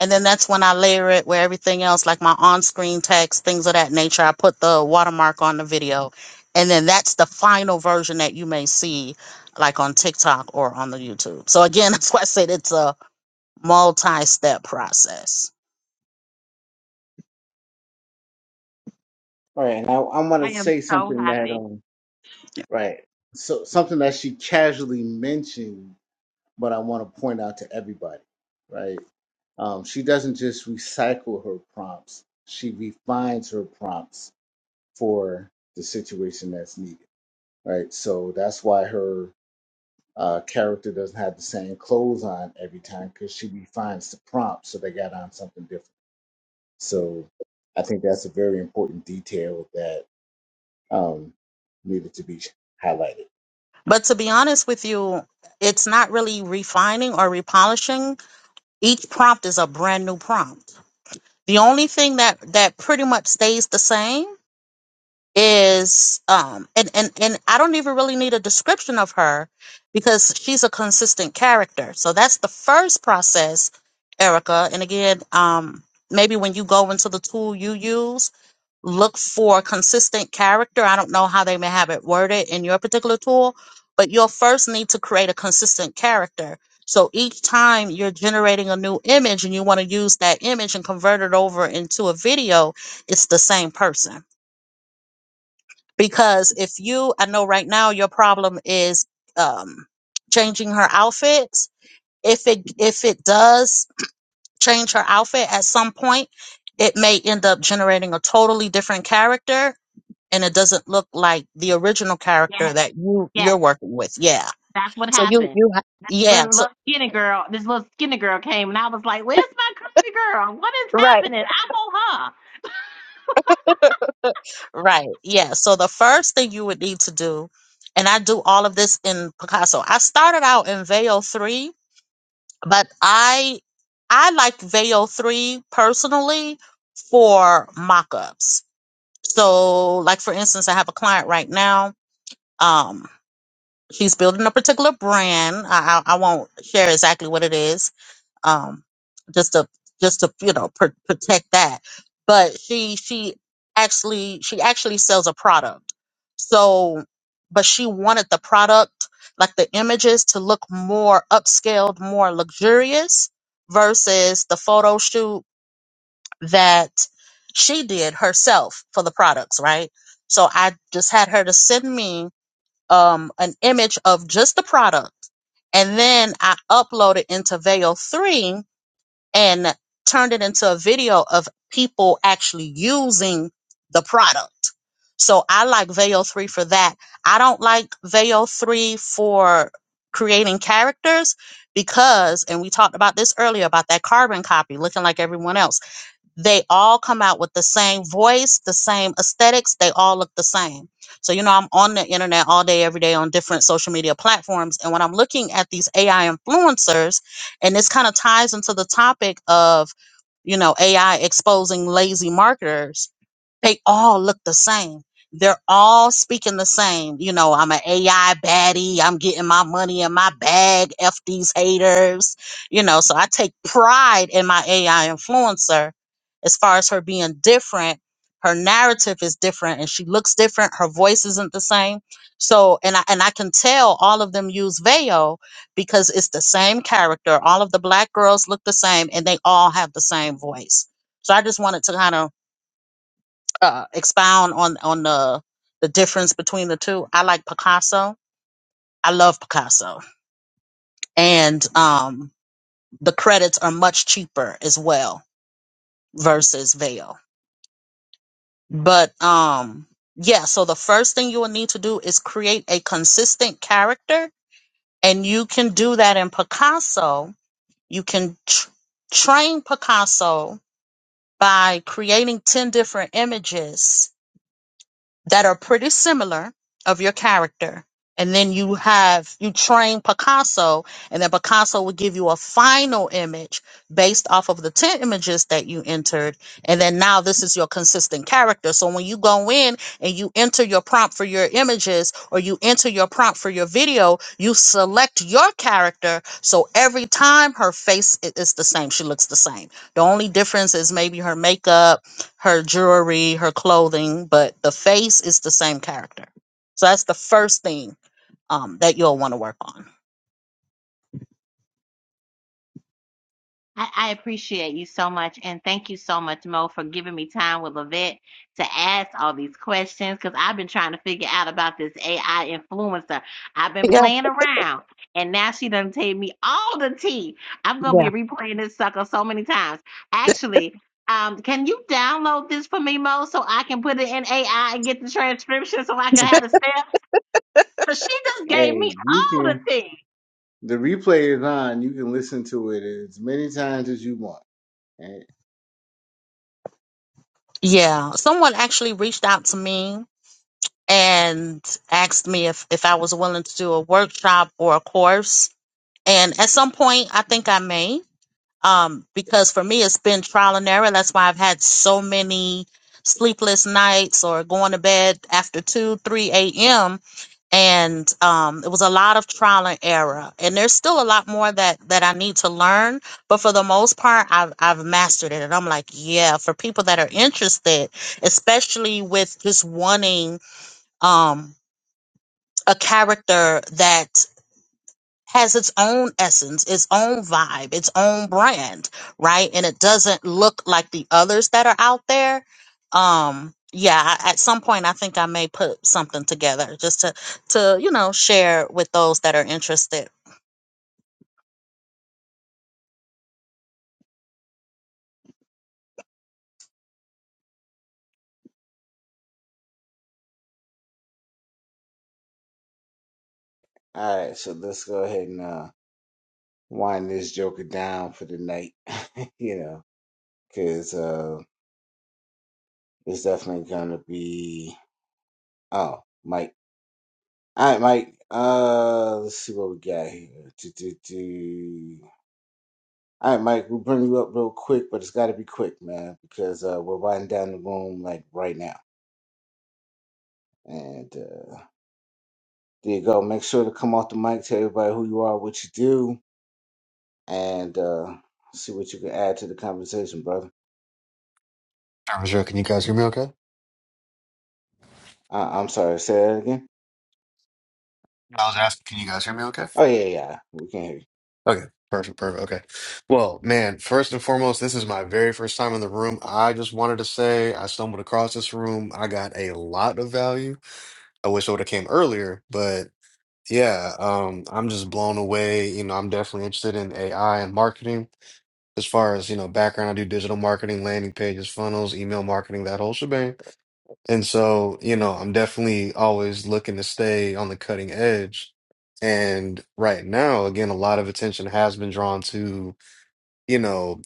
Speaker 2: And then that's when I layer it with everything else, like my on screen text, things of that nature. I put the watermark on the video. And then that's the final version that you may see, like on TikTok or on the YouTube. So, again, *laughs* that's why I said it's a multi step process.
Speaker 1: all right. Now I I want
Speaker 5: *laughs*
Speaker 1: to
Speaker 5: I am
Speaker 1: say
Speaker 5: so
Speaker 1: something that
Speaker 5: happy.
Speaker 1: um right. So something that she casually mentioned, but I want to point out to everybody, right? Um, she doesn't just recycle her prompts; she refines her prompts for the situation that's needed, right? So that's why her uh, character doesn't have the same clothes on every time because she refines the prompt, so they got on something different. So I think that's a very important detail that um, needed to be highlighted.
Speaker 2: But to be honest with you, it's not really refining or repolishing. Each prompt is a brand new prompt. The only thing that that pretty much stays the same is um and and and I don't even really need a description of her because she's a consistent character. So that's the first process, Erica. And again, um maybe when you go into the tool you use look for consistent character. I don't know how they may have it worded in your particular tool, but you'll first need to create a consistent character. So each time you're generating a new image and you want to use that image and convert it over into a video, it's the same person. Because if you, I know right now your problem is um, changing her outfit. If it if it does change her outfit at some point, it may end up generating a totally different character and it doesn't look like the original character
Speaker 5: Yes,
Speaker 2: that you you're
Speaker 5: yes,
Speaker 2: working with. Yeah.
Speaker 5: that's what
Speaker 2: So you
Speaker 5: happened.
Speaker 2: you ha- yeah.
Speaker 5: Little,
Speaker 2: So
Speaker 5: little skinny girl, this little skinny girl came, and I was like, "Where's my curvy girl? What is
Speaker 2: right
Speaker 5: happening? I want her."
Speaker 2: right yeah. So the first thing you would need to do, and I do all of this in Picasso. I started out in Veil three, but I I like Veil three personally for mock-ups. So like for instance, I have a client right now. Um, she's building a particular brand. I I, I won't share exactly what it is um, just to just to you know pr- protect that. But she she actually she actually sells a product. So, but she wanted the product like the images to look more upscaled, more luxurious versus the photo shoot that she did herself for the products, right? So I just had her to send me um, an image of just the product, and then I uploaded into Veil Three and turned it into a video of people actually using the product. So I like Veo 3 for that. I don't like Veo 3 for creating characters because, and we talked about this earlier about that carbon copy looking like everyone else they all come out with the same voice, the same aesthetics. They all look the same. So, you know, I'm on the internet all day, every day on different social media platforms. And when I'm looking at these AI influencers, and this kind of ties into the topic of, you know, AI exposing lazy marketers, they all look the same. They're all speaking the same. You know, I'm an AI baddie. I'm getting my money in my bag. F these haters. You know, so I take pride in my AI influencer as far as her being different. Her narrative is different and she looks different. Her voice isn't the same. So, and I, and I can tell all of them use Veo because it's the same character. All of the black girls look the same and they all have the same voice. So I just wanted to kind of uh, expound on on the the difference between the two. I like Picasso. I love Picasso, and um, the credits are much cheaper as well versus Veil. But um, yeah, so the first thing you will need to do is create a consistent character, and you can do that in Picasso. You can tr- train Picasso by creating ten different images that are pretty similar of your character. And then you have, you train Picasso, and then Picasso will give you a final image based off of the 10 images that you entered. And then now this is your consistent character. So when you go in and you enter your prompt for your images or you enter your prompt for your video, you select your character. So every time her face i- is the same, she looks the same. The only difference is maybe her makeup her jewelry, her clothing, but the face is the same character. So that's the first thing um, that you'll want to work on.
Speaker 5: I, I appreciate you so much, and thank you so much, Mo, for giving me time with Lavette to ask all these questions. Because I've been trying to figure out about this AI influencer. I've been
Speaker 2: Yeah,
Speaker 5: playing around, and now she done take me all the tea. I'm gonna
Speaker 2: yeah,
Speaker 5: be replaying this sucker so many times. Actually, um, can you download this for me, Mo, so I can put it in AI and get the transcription so I can have the steps? So she just gave
Speaker 1: Hey,
Speaker 5: me
Speaker 1: you
Speaker 5: all the
Speaker 1: can.
Speaker 5: tea.
Speaker 1: The replay is on. You can listen to it as many times as you want. And,
Speaker 2: yeah. Someone actually reached out to me and asked me if if I was willing to do a workshop or a course And at some point, I think I may, um, because for me, it's been trial and error. That's why I've had so many sleepless nights or going to bed after 2, 3 a.m. And um, it was a lot of trial and error. And there's still a lot more that, that I need to learn. But for the most part, I've, I've mastered it. And I'm like, yeah, for people that are interested, especially with just wanting um, a character that has its own essence, its own vibe, its own brand, right? And it doesn't look like the others that are out there. Um, yeah, I- at some point I think I may put something together just to to, you know, share with those that are interested.
Speaker 1: All right, so let's go ahead and uh, wind this joker down for the night. *laughs* you know, because It's definitely gonna be oh Mike. All right, Mike. Uh, let's see what we got here. Do, do, do. All right, Mike. We'll bring you up real quick, but it's got to be quick, man, because uh, we're winding down the room like right now. And uh, there you go. Make sure to come off the mic, tell everybody who you are, what you do, and uh, see what you can add to the conversation, brother.
Speaker 7: I was joking. Can you guys hear me okay?
Speaker 1: Uh, I'm sorry. Say that again.
Speaker 7: I was asking, can you guys hear me okay?
Speaker 1: Oh yeah, yeah. We can hear
Speaker 7: Okay, perfect, perfect. Okay. Well, man, first and foremost, this is my very first time in the room. I just wanted to say I stumbled across this room. I got a lot of value. I wish I would have came earlier, but yeah, um, I'm just blown away. You know, I'm definitely interested in AI and marketing. As far as, you know, background, I do digital marketing, landing pages, funnels, email marketing, that whole shebang. And so, you know, I'm definitely always looking to stay on the cutting edge. And right now, again, a lot of attention has been drawn to, you know,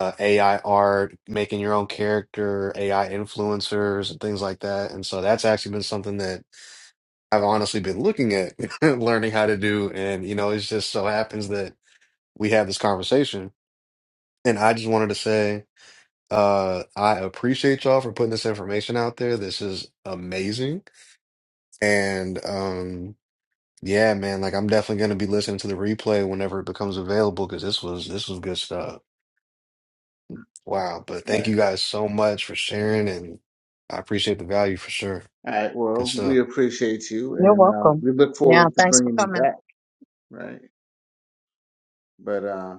Speaker 7: uh, AI art, making your own character, AI influencers, and things like that. And so that's actually been something that I've honestly been looking at, *laughs* learning how to do. And, you know, it just so happens that we have this conversation. And I just wanted to say, uh, I appreciate y'all for putting this information out there. This is amazing And um, yeah, man, like I'm definitely gonna be listening to the replay whenever it becomes available because this was this was good stuff. Wow. But
Speaker 1: you. All
Speaker 7: thank
Speaker 1: right.
Speaker 7: you guys so much for sharing and I appreciate the value for sure.
Speaker 1: All right.
Speaker 7: Good
Speaker 1: Well,
Speaker 7: stuff.
Speaker 1: we appreciate you,
Speaker 2: You're
Speaker 1: and uh,
Speaker 2: welcome.
Speaker 1: we look
Speaker 2: Yeah,
Speaker 1: forward to
Speaker 2: thanks for
Speaker 1: bringing you
Speaker 2: coming.
Speaker 1: back. right? But uh,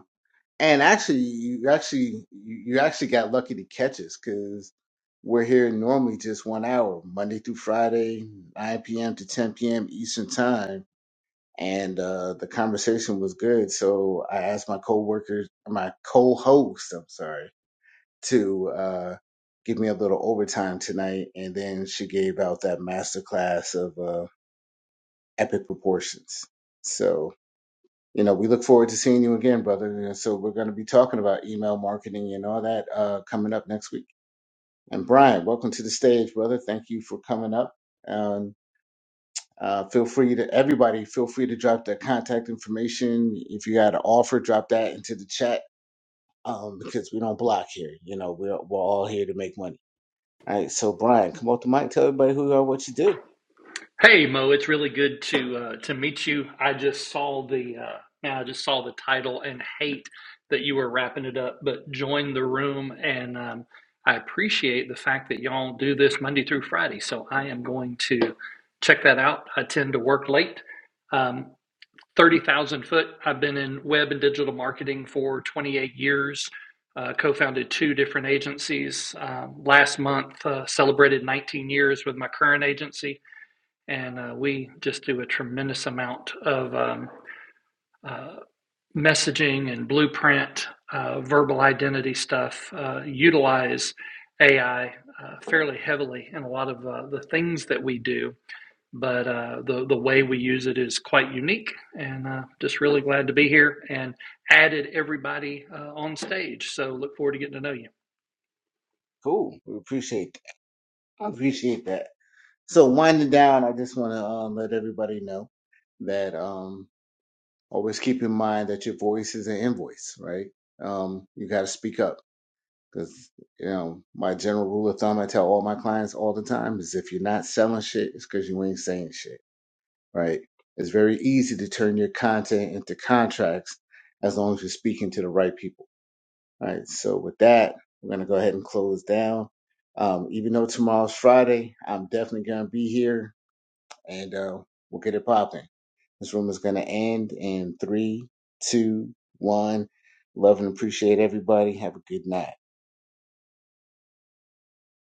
Speaker 1: and actually, you actually you, you actually got lucky to catch us because we're here normally just one hour, Monday through Friday, 9 p.m. to 10 p.m. Eastern time, and uh, the conversation was good. So I asked my coworkers, my co-host, I'm sorry, to uh, give me a little overtime tonight, and then she gave out that masterclass of uh, epic proportions. So you know, we look forward to seeing you again, brother. And so we're going to be talking about email marketing and all that uh, coming up next week. And Brian, welcome to the stage, brother. Thank you for coming up. Um, uh, feel free to everybody. Feel free to drop their contact information. If you had an offer, drop that into the chat um, because we don't block here. You know, we're we're all here to make money. All right. So Brian, come off the mic. Tell everybody who you are, what you do.
Speaker 8: Hey Mo, it's really good to uh, to meet you. I just saw the uh, man, I just saw the title and hate that you were wrapping it up, but join the room and um, I appreciate the fact that y'all do this Monday through Friday. So I am going to check that out. I tend to work late. Um, Thirty thousand foot. I've been in web and digital marketing for 28 years. Uh, co-founded two different agencies. Um, last month, uh, celebrated 19 years with my current agency and uh, we just do a tremendous amount of um, uh, messaging and blueprint, uh, verbal identity stuff. Uh, utilize AI uh, fairly heavily in a lot of uh, the things that we do, but uh, the the way we use it is quite unique. And uh, just really glad to be here and added everybody uh, on stage. So look forward to getting to know you.
Speaker 1: Cool. We appreciate that. I appreciate that. So winding down, I just want to um, let everybody know that. Um, Always keep in mind that your voice is an invoice, right? Um, you got to speak up because, you know, my general rule of thumb I tell all my clients all the time is if you're not selling shit, it's because you ain't saying shit, right? It's very easy to turn your content into contracts as long as you're speaking to the right people, right? So with that, we're going to go ahead and close down. Um, even though tomorrow's Friday, I'm definitely going to be here and uh, we'll get it popping. This room is going to end in three, two, one. Love and appreciate everybody. Have a good night.